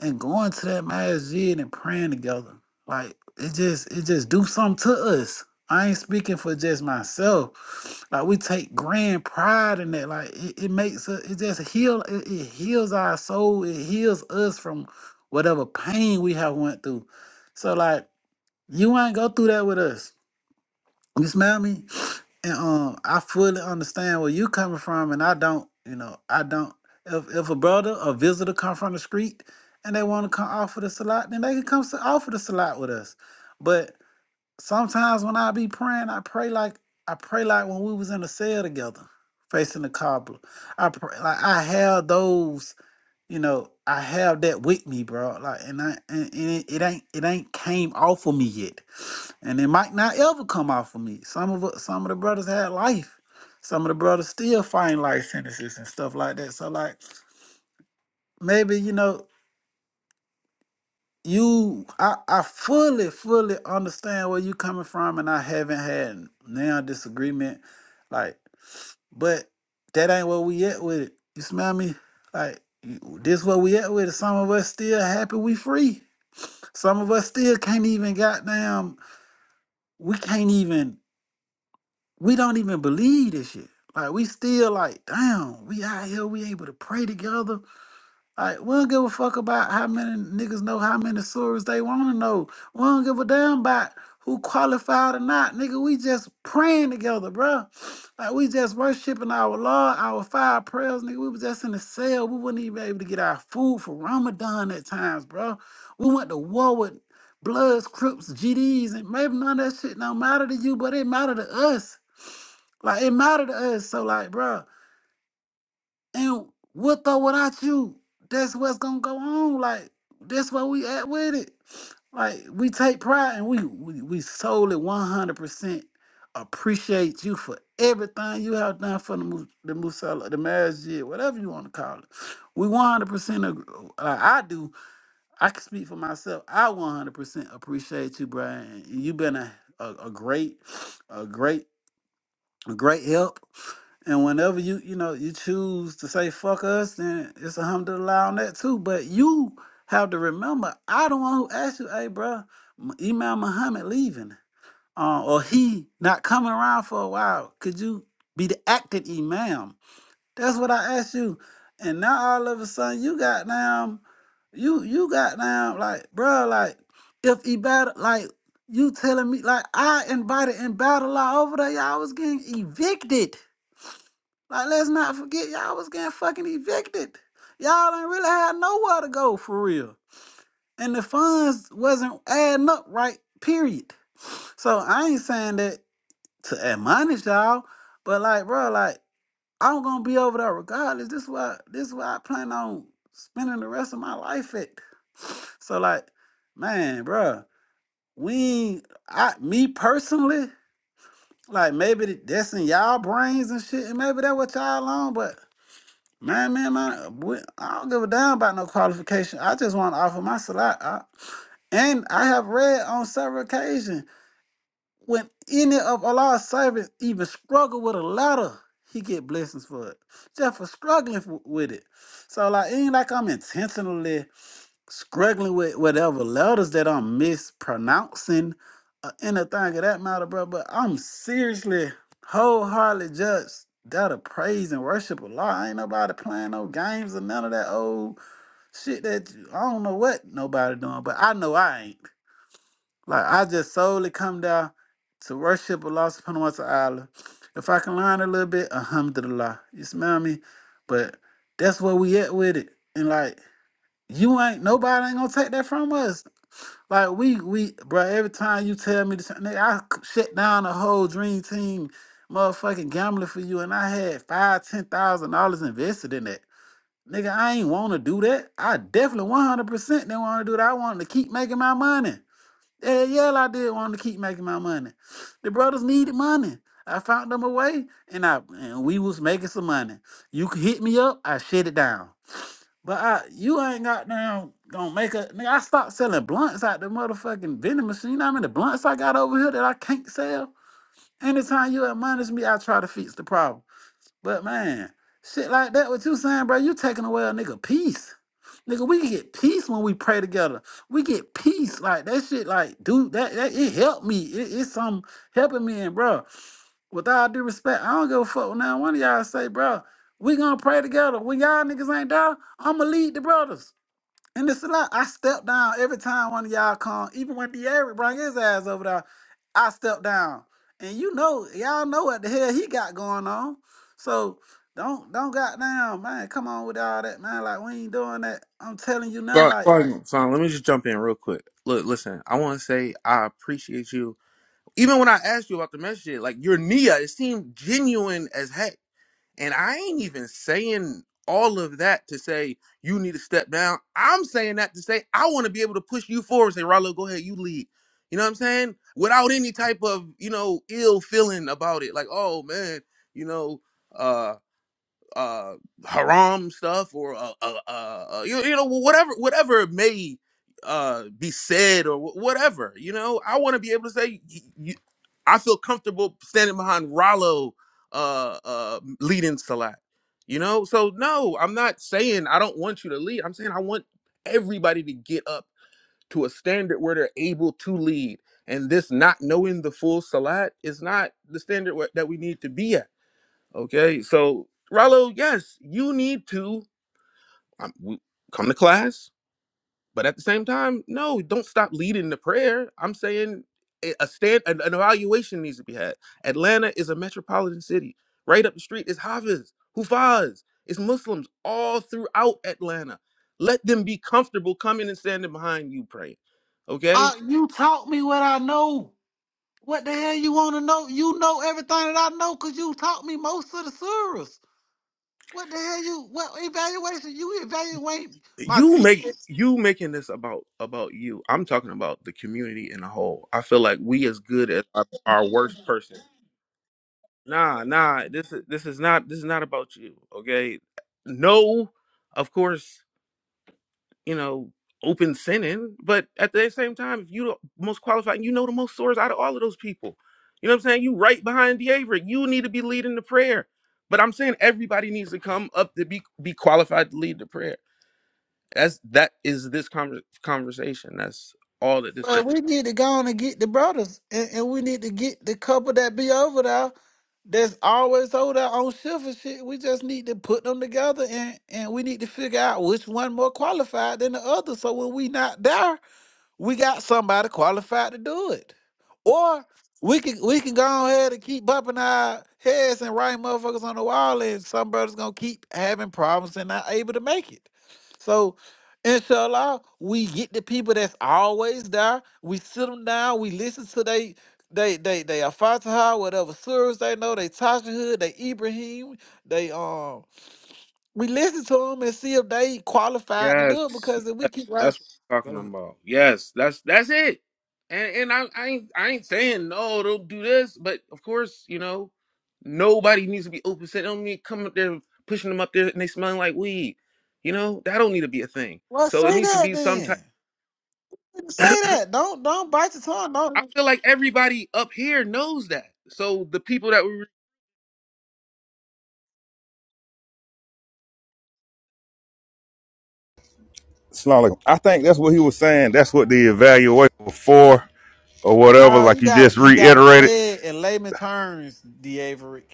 [SPEAKER 6] and going to that masjid and praying together. Like it just it just do something to us. I ain't speaking for just myself. Like we take grand pride in that. Like it, it makes us it just heal it, it heals our soul. It heals us from whatever pain we have went through. So like you ain't go through that with us. You smell me? And um, I fully understand where you coming from, and I don't, you know, I don't. If if a brother or visitor come from the street and they want to come offer the salat, then they can come s- offer the salat with us. But sometimes when I be praying, I pray like I pray like when we was in the cell together, facing the cobbler. I pray like I have those, you know, I have that with me, bro. Like, and I and, and it, it ain't it ain't came off of me yet and it might not ever come off of me. Some of us- some of the brothers had life. Some of the brothers still fighting life sentences and stuff like that. So like maybe you know you I, I fully fully understand where you coming from, and I haven't had now disagreement. Like, but that ain't where we at with it. You smell me? Like you- this where we at with it. Some of us still happy we free. Some of us still can't even goddamn. We can't even. we don't even believe this shit. Like we still like, damn, we out here, we able to pray together. Like we don't give a fuck about how many niggas know how many surahs they wanna know. We don't give a damn about who qualified or not, nigga. We just praying together, bruh. Like we just worshiping our Lord, our five prayers, nigga. We was just in the cell. We was not even able to get our food for Ramadan at times, bruh. We went to war with Bloods, Crips, GDs, and maybe none of that shit don't matter to you, but it matter to us. Like it mattered to us. So like, bro, and with or without you, that's what's gonna go on. Like that's where we at with it. Like we take pride and we we, we solely one hundred percent appreciate you for everything you have done for the Mu- the Musala, the marriage, whatever you want to call it. We one hundred percent. Like I do. I can speak for myself. I one hundred percent appreciate you, Brian. You've been a, a a great, a great, a great help And whenever you, you know, you choose to say fuck us, then it's alhamdulillah on that too. But you have to remember, I the one who asked you, hey, bro, M- Imam Muhammad leaving, uh, or he not coming around for a while. Could you be the acting imam? That's what I asked you. And now all of a sudden, you got down, you you got down, like, bro, like, if Ibadah, like, you telling me, like, I invited in battle over there, y'all was getting evicted. Like, let's not forget, y'all was getting fucking evicted. Y'all didn't really have nowhere to go for real. And the funds wasn't adding up right, period. So I ain't saying that to admonish y'all, but like, bro, like, I'm gonna be over there regardless. This is why this is why I plan on spending the rest of my life at. So like, man, bro, we I me personally, like maybe that's in y'all brains and shit, and maybe that what y'all on, but Man, man, man, we, I don't give a damn about no qualification. I just want to offer my salat. I, and I have read on several occasions when any of Allah's servants even struggle with a letter, he get blessings for it. Just for struggling f- with it. So like, it ain't like I'm intentionally struggling with whatever letters that I'm mispronouncing or anything of that matter, bro. But I'm seriously wholeheartedly just gotta praise and worship a lot. Ain't nobody playing no games or none of that old shit that you- I don't know what nobody doing, but I know I ain't. Like I just solely come down to worship Allah subhanahu wa ta'ala. If I can learn a little bit, alhamdulillah. You smell me? But that's where we at with it. And like you ain't nobody ain't gonna take that from us. Like we we bro, every time you tell me this, nigga, I c- shut down the whole dream team, motherfucking gambling for you, and I had five ten thousand dollars invested in that. Nigga, I ain't want to do that. I definitely one hundred percent didn't want to do that. I wanted to keep making my money. Yeah, yeah, I did want to keep making my money. The brothers needed money. I found them a way, and I and we was making some money. You could hit me up, I shut it down. But I, you ain't got down gonna make a nigga. I stopped selling blunts out the motherfucking vending machine. You know how many blunts I got over here that I can't sell? Anytime you admonish me, I try to fix the problem. But man, shit like that, what you saying, bro, you taking away a nigga peace. Nigga, we get peace when we pray together. We get peace. Like that shit, like, dude, that, that it helped me. It, it's some helping me and bro. With all due respect, I don't give a fuck what now one of y'all say, bro, we gonna pray together. When y'all niggas ain't there, I'ma lead the brothers. And it's a lot. I step down every time one of y'all come. Even when De'Aaron bring his ass over there, I step down. And you know, y'all know what the hell he got going on. So don't don't goddamn man, come on with all that man. Like we ain't doing that. I'm telling you now,
[SPEAKER 1] Sorry,
[SPEAKER 6] like
[SPEAKER 1] sorry, sorry, let me just jump in real quick. Look, listen, I want to say I appreciate you. Even when I asked you about the message, like your Nia, it seemed genuine as heck. And I ain't even saying all of that to say you need to step down. I'm saying that to say I want to be able to push you forward and say, Rallo, go ahead, you lead. You know what I'm saying? Without any type of, you know, ill feeling about it. Like, oh man, you know, uh uh haram stuff or uh, uh, uh uh, you, you know whatever whatever may uh be said or wh- whatever you know i want to be able to say y- y- i feel comfortable standing behind rollo uh uh leading salat you know so no i'm not saying i don't want you to lead i'm saying i want everybody to get up to a standard where they're able to lead and this not knowing the full salat is not the standard wh- that we need to be at Okay, so Rallo, yes, you need to um, w- come to class, but at the same time, no, don't stop leading the prayer. I'm saying a a stand, an, an evaluation needs to be had. Atlanta is a metropolitan city. Right up the street is Hafiz, Hufaz, it's Muslims all throughout Atlanta. Let them be comfortable coming and standing behind you praying. Okay,
[SPEAKER 6] I, you taught me what I know. What the hell you want to know? You know everything that I know because you taught me most of the surahs. What the hell you? What evaluation you evaluate my
[SPEAKER 1] you make
[SPEAKER 6] teacher?
[SPEAKER 1] you making this about about you i'm talking about the community in a whole i feel like we as good as our, our worst person nah nah this is this is not this is not about you okay no of course you know open sinning but at the same time if you the most qualified and you know the most source out of all of those people you know what i'm saying you right behind Deaverick. you need to be leading the prayer but i'm saying everybody needs to come up to be be qualified to lead the prayer that's that is this conver conversation. That's all that this
[SPEAKER 6] Well,
[SPEAKER 1] con-
[SPEAKER 6] we need to go on and get the brothers, and, and we need to get the couple that be over there that's always over there on shift and shit. We just need to put them together, and and we need to figure out which one more qualified than the other. So when we not there we got somebody qualified to do it. Or we can we can go ahead and keep bumping our heads and writing motherfuckers on the wall, and somebody's gonna keep having problems and not able to make it. So, inshallah, we get the people that's always there. We sit them down. We listen to they they they they Al-Fatiha, whatever surahs they know, they Tashahud, they Ibrahim, they um. We listen to them and see if they qualified to
[SPEAKER 1] Yes,
[SPEAKER 6] do it because if we keep right.
[SPEAKER 1] that's what I'm talking about. Yes, that's that's it. And and I, I ain't I ain't saying no, don't do this, but of course you know nobody needs to be open. Saying don't need to come up there pushing them up there and they smelling like weed. You know that don't need to be a thing.
[SPEAKER 6] Well,
[SPEAKER 1] So it
[SPEAKER 6] say
[SPEAKER 1] needs to
[SPEAKER 6] that
[SPEAKER 1] be some type.
[SPEAKER 6] then. Say that. Don't don't bite your tongue.
[SPEAKER 1] I
[SPEAKER 6] Don't.
[SPEAKER 1] feel
[SPEAKER 6] [laughs]
[SPEAKER 1] like everybody up here knows that. So the people that we
[SPEAKER 4] Assalamu alaikum. I think that's what he was saying. That's what the evaluation was for or whatever.
[SPEAKER 6] Oh,
[SPEAKER 4] Like
[SPEAKER 6] you
[SPEAKER 4] you
[SPEAKER 6] gotta
[SPEAKER 4] just
[SPEAKER 6] you gotta
[SPEAKER 4] reiterated.
[SPEAKER 6] say it in layman terms, D. Averick.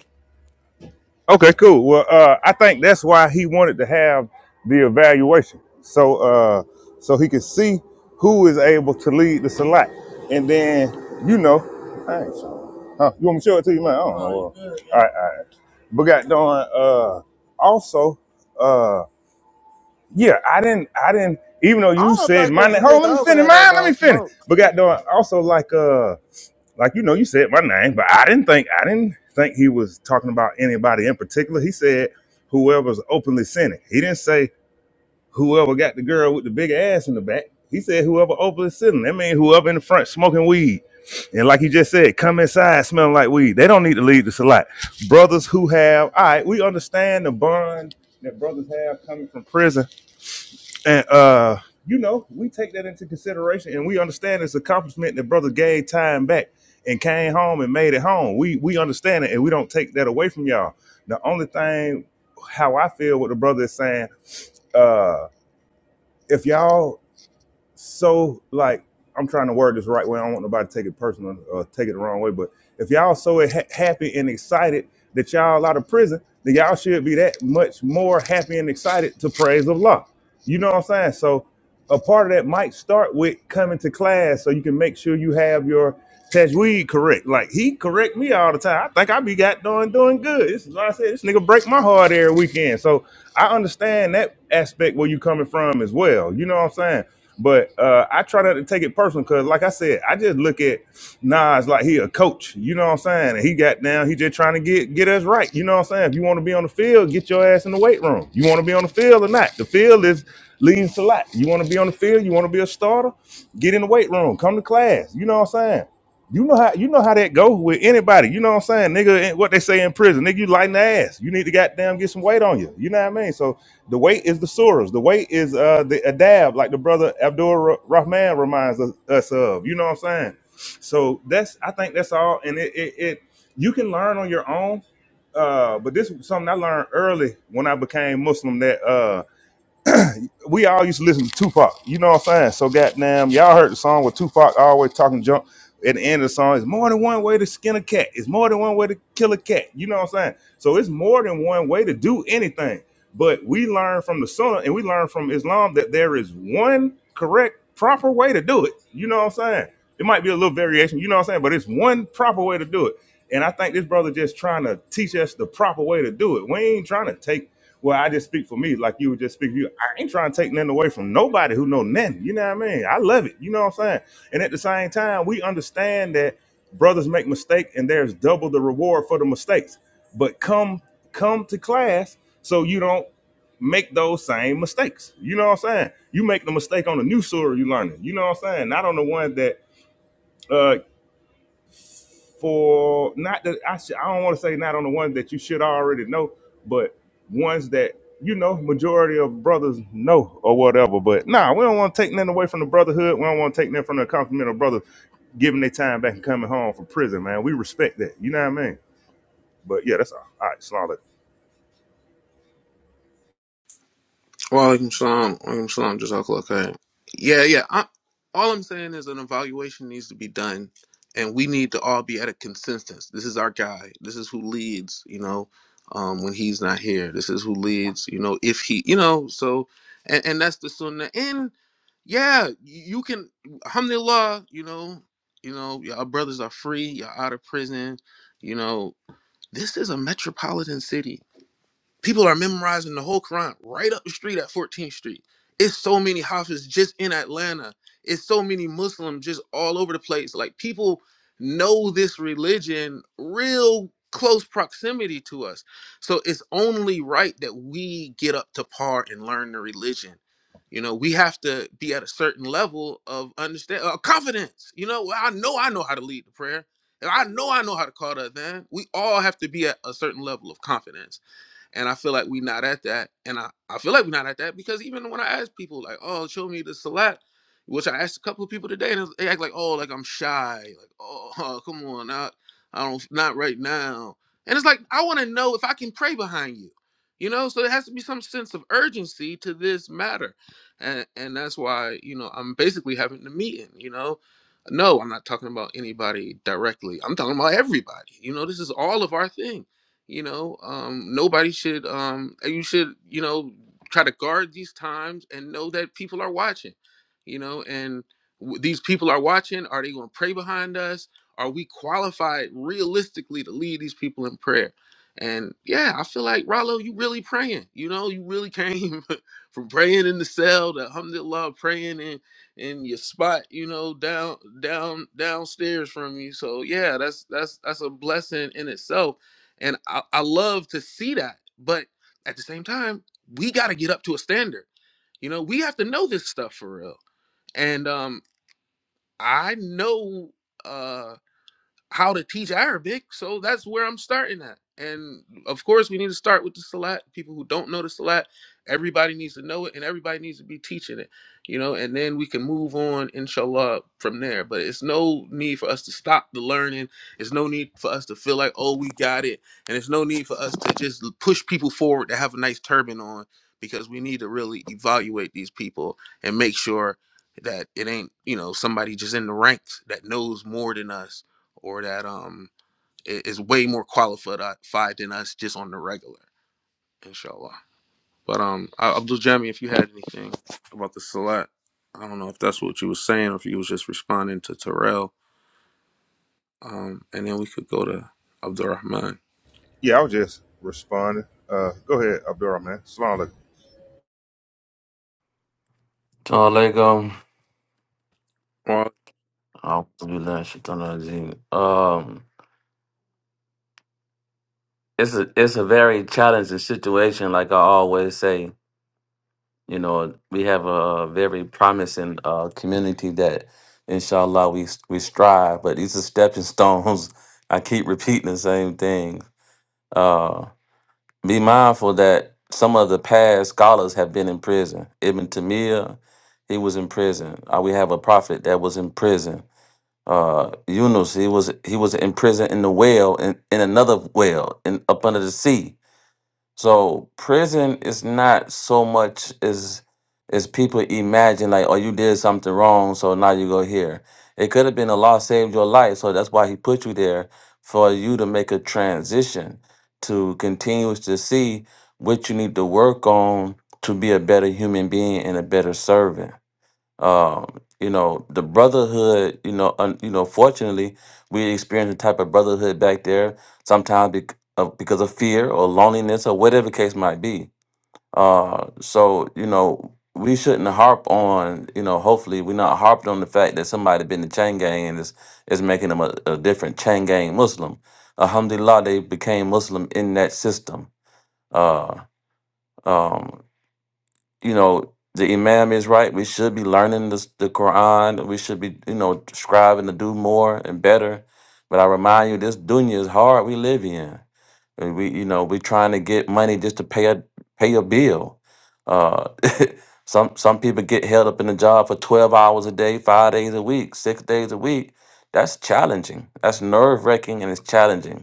[SPEAKER 4] Okay, cool. Well, uh, I think that's why he wanted to have the evaluation, so uh, so he could see who is able to lead the select, and then you know, I ain't sure. Huh? You want me to show it to you, man? I don't know. All right, all right. But got done. Uh, also, uh, yeah, I didn't, I didn't. Even though
[SPEAKER 6] I
[SPEAKER 4] you
[SPEAKER 6] don't
[SPEAKER 4] said
[SPEAKER 6] think
[SPEAKER 4] my
[SPEAKER 6] it's a
[SPEAKER 4] name, hold on, let me
[SPEAKER 6] nigga over
[SPEAKER 4] finish
[SPEAKER 6] there that
[SPEAKER 4] mine. Let me
[SPEAKER 6] don't
[SPEAKER 4] finish.
[SPEAKER 6] smoke.
[SPEAKER 4] But got done. Also, like, uh like you know, you said my name, but I didn't think I didn't think he was talking about anybody in particular. He said whoever's openly sinning. He didn't say whoever got the girl with the big ass in the back. He said whoever openly sinning. That means whoever in the front smoking weed. And like you just said, come inside smelling like weed. They don't need to leave this a lot. Brothers who have all right, we understand the bond that brothers have coming from prison and uh, you know, we take that into consideration and we understand this accomplishment that brother gave time back and came home and made it home. We we understand it and we don't take that away from y'all. The only thing how I feel what the brother is saying, uh, if y'all so like I'm trying to word this right way. I don't want nobody to take it personal or take it the wrong way. But if y'all so ha- happy and excited that y'all out of prison, then y'all should be that much more happy and excited to praise of law. You know what I'm saying? So a part of that might start with coming to class so you can make sure you have your tajweed correct. Like he correct me all the time. I think I be got doing doing good. This is what I said. This nigga break my heart every weekend. So I understand that aspect where you coming from as well. You know what I'm saying? But uh, I try not to take it personal because, like I said, I just look at Nas like he a coach. You know what I'm saying? And he got down. He just trying to get get us right. You know what I'm saying? If you want to be on the field, get your ass in the weight room. You want to be on the field or not? The field is leads to a lot. You want to be on the field? You want to be a starter? Get in the weight room. Come to class. You know what I'm saying? You know how you know how that go with anybody. You know what I'm saying, nigga? eh, What they say in prison, nigga, you lighten the ass. You need to goddamn get some weight on you. You know what I mean? So the weight is the surahs. The weight is uh, the adab, like the brother Abdul Rahman reminds us, us of. You know what I'm saying? So that's I think that's all, and it it, it you can learn on your own. Uh, but this was something I learned early when I became Muslim. That uh, we all used to listen to Tupac. You know what I'm saying? So goddamn, y'all heard the song with Tupac always talking junk. At the end of the song, it's more than one way to skin a cat. It's more than one way to kill a cat. You know what I'm saying? So it's more than one way to do anything. But we learn from the Sunnah and we learn from Islam that there is one correct, proper way to do it. You know what I'm saying? It might be a little variation. You know what I'm saying? But it's one proper way to do it. And I think this brother just trying to teach us the proper way to do it. We ain't trying to take well, I just speak for me, like you were just speaking. You, I ain't trying to take nothing away from nobody who know nothing. You know what I mean? I love it. You know what I'm saying? And at the same time, we understand that brothers make mistakes, and there's double the reward for the mistakes. But come, come to class so you don't make those same mistakes. You know what I'm saying? You make the mistake on the new story you're learning. You know what I'm saying? Not on the one that uh, for not that I should, I don't want to say not on the ones that you should already know, but ones that you know majority of brothers know or whatever. But nah, we don't want to take nothing away from the brotherhood. We don't want to take nothing from the compliment of brothers giving their time back and coming home from prison, man. We respect that. You know what I mean? But yeah, that's all. All right, slaughter.
[SPEAKER 1] Walaikum salam. Walaikum salam. Jazakallah khair. Yeah, yeah. I, all I'm saying is an evaluation needs to be done, and we need to all be at a consensus. This is our guy. This is who leads. You know, um, when he's not here, this is who leads. You know, if he, you know, so, and, and that's the sunnah. And yeah, you can. Alhamdulillah. You know, you know, our brothers are free. You're out of prison. You know, this is a metropolitan city. People are memorizing the whole Quran right up the street at 14th Street. It's so many Hafiz just in Atlanta. It's so many Muslims just all over the place. Like people know this religion real close proximity to us. So it's only right that we get up to par and learn the religion. You know, we have to be at a certain level of understand uh, confidence. You know, well, I know I know how to lead the prayer. And I know I know how to call to Adhan. We all have to be at a certain level of confidence and I feel like we not at that. And I, I feel like we're not at that because even when I ask people, like, oh, show me the salat, which I asked a couple of people today, and they act like, oh, like I'm shy. Like, oh, [laughs] come on, not, I don't, not right now. And it's like, I want to know if I can pray behind you. You know, so there has to be some sense of urgency to this matter. And, and that's why, you know, I'm basically having the meeting, you know, no, I'm not talking about anybody directly. I'm talking about everybody. You know, this is all of our thing. You know, um, nobody should. Um, you should, you know, try to guard these times and know that people are watching. You know, and w- these people are watching. Are they going to pray behind us? Are we qualified realistically to lead these people in prayer? And yeah, I feel like Rollo, you really praying. You know, you really came [laughs] from praying in the cell to alhamdulillah praying in in your spot, you know, down down downstairs from you. So yeah, that's that's that's a blessing in itself and I, I love to see that. But at the same time, we got to get up to a standard. You know, we have to know this stuff for real. And um, I know. uh, how to teach Arabic. So that's where I'm starting at. And of course, we need to start with the Salat. People who don't know the Salat, everybody needs to know it and everybody needs to be teaching it, you know, and then we can move on, inshallah, from there. But it's no need for us to stop the learning. It's no need for us to feel like, oh, we got it. And it's no need for us to just push people forward to have a nice turban on because we need to really evaluate these people and make sure that it ain't, you know, somebody just in the ranks that knows more than us or that um is way more qualified than us just on the regular, inshallah. But um, Abdul Jami, if you had anything about the Salat, I don't know if that's what you were saying, or if you was just responding to Terrell. Um, and then we could go to Abdul Rahman.
[SPEAKER 4] Yeah, I was just responding. Uh, go ahead, Abdurrahman. Slaughter.
[SPEAKER 5] Assalamu alaikum.
[SPEAKER 1] Well,
[SPEAKER 5] Alhamdulillah, shaitan rajeem. Um, it's a it's a very challenging situation. Like I always say, you know, we have a very promising uh, community that, inshallah, we we strive. But these are stepping stones. [laughs] I keep repeating the same thing. Uh, be mindful that some of the past scholars have been in prison. Ibn Tamir, he was in prison. Uh, we have a prophet that was in prison. uh Yunus, he was he was in prison in the whale in, in another whale in up under the sea. So prison is not so much as as people imagine like, oh you did something wrong, so now you go here. It could have been Allah saved your life, so that's why he put you there for you to make a transition to continue to see what you need to work on to be a better human being and a better servant um you know the brotherhood you know un, you know fortunately we experience a type of brotherhood back there sometimes bec- of, because of fear or loneliness or whatever case might be uh so you know we shouldn't harp on you know hopefully we're not harped on the fact that somebody been the chain gang and is is making them a, a different chain gang muslim alhamdulillah they became muslim in that system uh um you know the imam is right we should be learning this, the quran we should be you know striving to do more and better but i remind you this dunya is hard we live in and we you know we trying to get money just to pay a pay a bill uh [laughs] some some people get held up in a job for 12 hours a day five days a week six days a week that's challenging that's nerve-wracking and it's challenging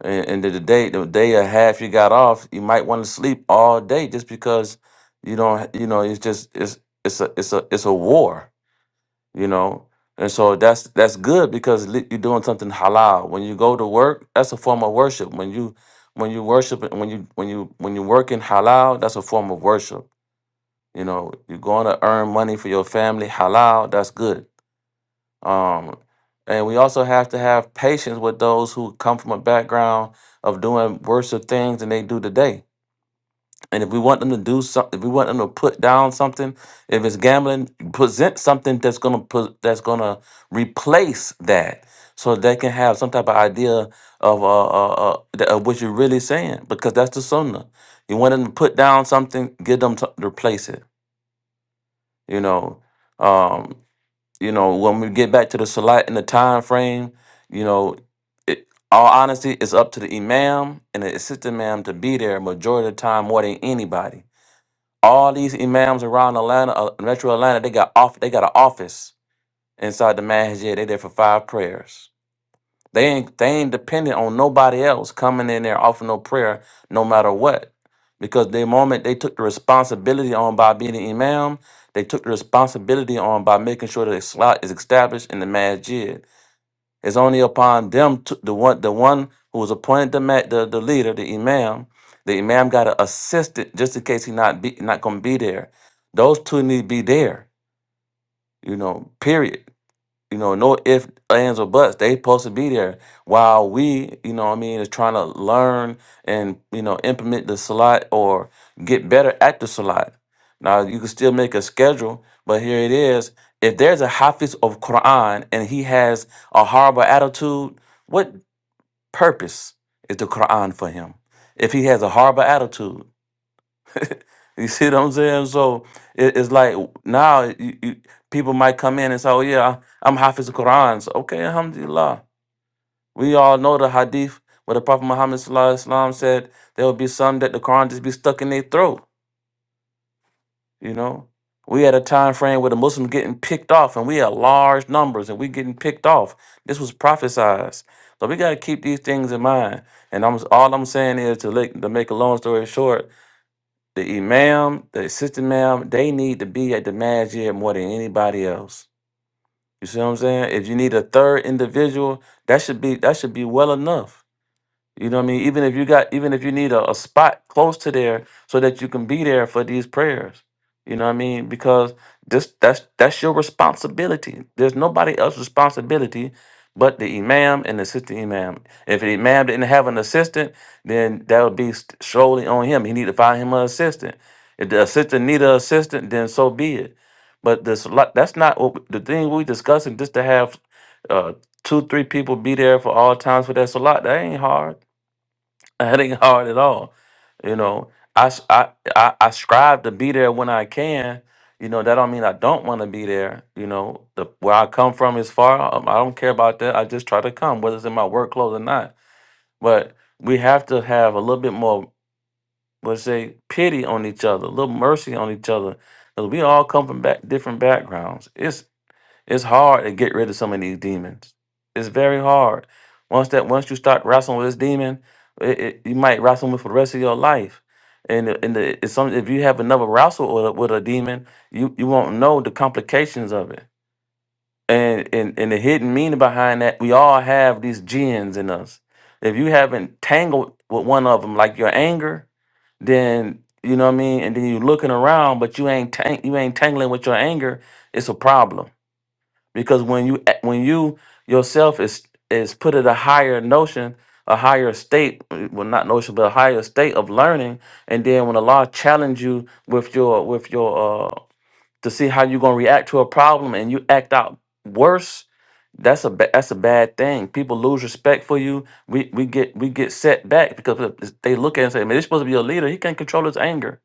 [SPEAKER 5] and, and the the day, the day or half you got off, you might want to sleep all day just because you don't. You know, it's just it's it's a it's a it's a war. You know, and so that's that's good because li- you're doing something halal. When you go to work, that's a form of worship. When you when you worship when you when you when you work in halal, that's a form of worship. You know, you're going to earn money for your family halal. That's good. Um, and we also have to have patience with those who come from a background of doing worse things than they do today. And if we want them to do something, if we want them to put down something, if it's gambling, present something that's gonna put that's gonna replace that, so they can have some type of idea of uh, uh, uh th- of what you're really saying, because that's the sunnah. You want them to put down something, give them to replace it. You know, Um, you know, when we get back to the salat and the time frame, you know, it, all honesty, it's up to the imam and the assistant imam to be there majority of the time more than anybody. All these imams around Atlanta, uh, Metro Atlanta, they got off, they got an office inside the masjid. They there for five prayers. They ain't they ain't dependent on nobody else coming in there offering no prayer no matter what. Because the moment they took the responsibility on by being an imam, they took the responsibility on by making sure that the slot is established in the masjid. It's only upon them to, the one the one who was appointed the, ma- the the leader, the imam, the imam got an assistant just in case he not be not gonna be there. Those two need to be there, you know, period you know, no ifs, ands, or buts. They supposed to be there. While we, you know what I mean, is trying to learn and, you know, implement the salat or get better at the salat. Now you can still make a schedule, but here it is. If there's a Hafiz of Quran and he has a horrible attitude, what purpose is the Quran for him? If he has a horrible attitude, [laughs] you see what I'm saying? So it, it's like now you, you, people might come in and say, "Oh yeah, I- I'm Hafiz Quran." So, okay, Alhamdulillah. We all know the Hadith where the Prophet Muhammad Sallallahu Alaihi Wasallam said there will be some that the Quran just be stuck in their throat. You know, we had a time frame where the Muslims getting picked off, and we had large numbers, and we getting picked off. This was prophesized. So we got to keep these things in mind. And I'm all I'm saying is to, like, to make a long story short the imam, the assistant imam, they need to be at the masjid more than anybody else. You see what I'm saying? If you need a third individual, that should be that should be well enough. You know what I mean? Even if you got, even if you need a, a spot close to there so that you can be there for these prayers. You know what I mean? Because this that's that's your responsibility. There's nobody else's responsibility but the imam and the assistant imam. If the imam didn't have an assistant, then that would be st- solely on him. He need to find him an assistant. If the assistant need an assistant, then so be it. But this lot- that's not what we- the thing we discussing. Just to have uh, two, three people be there for all times for that salat. That ain't hard. [laughs] That ain't hard at all. You know, I, s- I, I, I strive to be there when I can. You know, that don't mean I don't want to be there. You know, the where I come from is far. Um, I don't care about that. I just try to come, whether it's in my work clothes or not. But we have to have a little bit more, let's say, pity on each other, a little mercy on each other, because we all come from back, different backgrounds. It's it's hard to get rid of some of these demons. It's very hard. Once that once you start wrestling with this demon, it, it, you might wrestle with it for the rest of your life. And the- and the, it's some if you have another wrestle with a, with a demon, you you won't know the complications of it. And, and and the hidden meaning behind that, we all have these genes in us. If you haven't tangled with one of them, like your anger, then you know what I mean. And then you looking around, but you ain't tang- you ain't tangling with your anger. It's a problem because when you when you yourself is is put at a higher notion a higher state uh, well not notion but a higher state of learning and then when allah challenge you with your with your uh to see how you're going to react to a problem and you act out worse that's a ba- that's a bad thing people lose respect for you we we get we get set back because of- they look at it and say man this supposed to be a leader he can't control his anger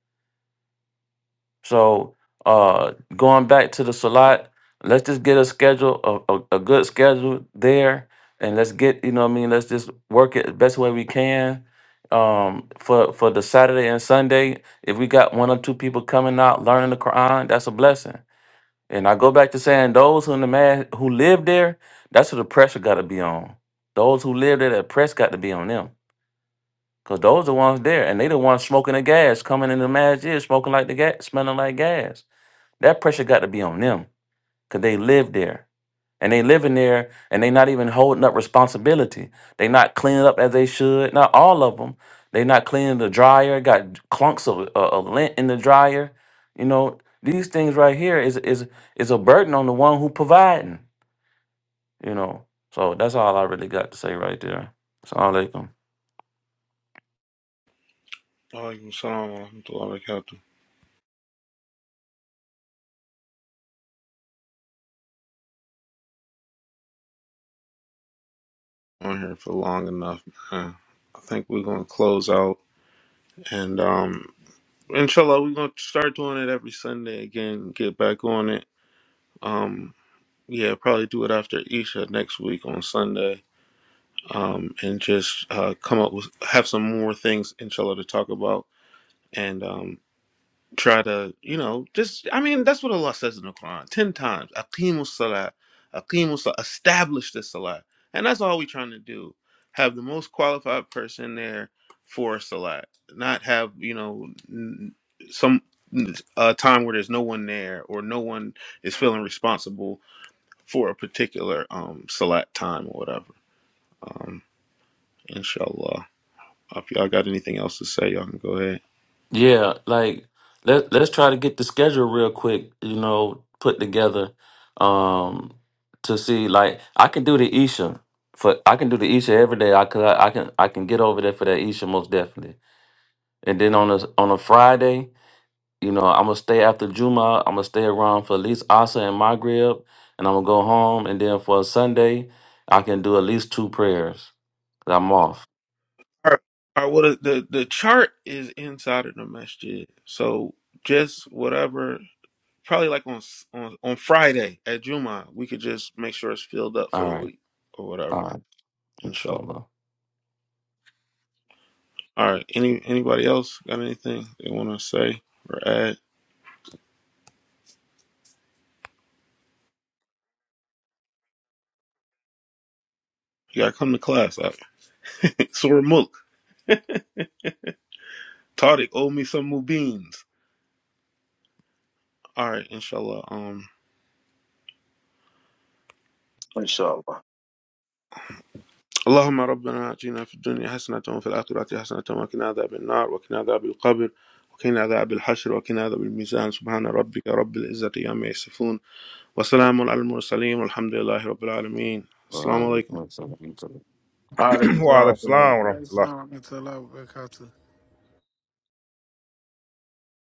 [SPEAKER 5] so uh going back to the Salat, let's just get a schedule, a, a, a good schedule there, and let's get, you know what I mean, let's just work it the best way we can. Um for for the Saturday and Sunday, if we got one or two people coming out learning the Quran, that's a blessing. And I go back to saying those who in the man who live there, that's who the pressure gotta be on. Those who live there, that press got to be on them. Cause those the ones there, and they the ones smoking the gas, coming in the masjid, smoking like the gas, smelling like gas. That pressure got to be on them because they live there and they living there and they not even holding up responsibility. They not cleaning up as they should. Not all of them. They not cleaning the dryer. Got clunks of, uh, of lint in the dryer. You know these things right here is is is a burden on the one who providing. You know, so that's all I really got to say right there. Assalamu alaikum.
[SPEAKER 1] alaikum salam wa rahmatullahi wa barakatuh. On here for long enough, man. I think we're gonna close out, and um, inshallah, we're gonna start doing it every Sunday again. Get back on it. Um, Yeah, probably do it after Isha next week on Sunday, um, and just uh, come up with have some more things inshallah to talk about, and um, try to you know just I mean that's what Allah says in the Quran ten times: "Aqimus salat, aqimus salat, establish the salat," and that's all we're trying to do. Have the most qualified person there for salat, not have you know n- some a time where there's no one there or no one is feeling responsible for a particular um select time or whatever. Um, inshallah. If y'all got anything else to say, y'all can go ahead.
[SPEAKER 5] Yeah, like let let's try to get the schedule real quick, you know, put together um to see like I can do the Isha for I can do the Isha every day. I could I I can I can get over there for that Isha most definitely. And then on a on a Friday, you know, I'm gonna stay after Juma. I'm gonna stay around for at least Asa and Maghrib, and I'm gonna go home. And then for a Sunday, I can do at least two prayers. 'cause I'm off.
[SPEAKER 1] All right. All right. Well, the the, chart is inside of the masjid, so just whatever. Probably like on on on Friday at Juma, we could just make sure it's filled up for
[SPEAKER 5] All
[SPEAKER 1] the
[SPEAKER 5] right,
[SPEAKER 1] week or whatever.
[SPEAKER 5] all right,
[SPEAKER 1] Inshallah.
[SPEAKER 5] inshallah.
[SPEAKER 1] All right. Any anybody else got anything they want to say or add? You gotta come to class. [laughs] Surah Mulk. Tariq, owe me some mubins. All right, inshallah. Um,
[SPEAKER 3] Inshallah.
[SPEAKER 1] اللهم ربنا اتنا في الدنيا حسنة وفي الآخرة حسنة وقنا عذاب النار وقنا عذاب القبر وقنا عذاب الحشر وقنا عذاب الميزان سبحان ربك رب العزة عما يصفون وسلام على المرسلين والحمد لله رب العالمين السلام عليكم
[SPEAKER 5] Uh,
[SPEAKER 3] All
[SPEAKER 4] [clears throat] Wa alaikum
[SPEAKER 3] right,
[SPEAKER 4] salam wa
[SPEAKER 6] Make sure
[SPEAKER 4] rahmatullah.
[SPEAKER 6] I'm until I- I caught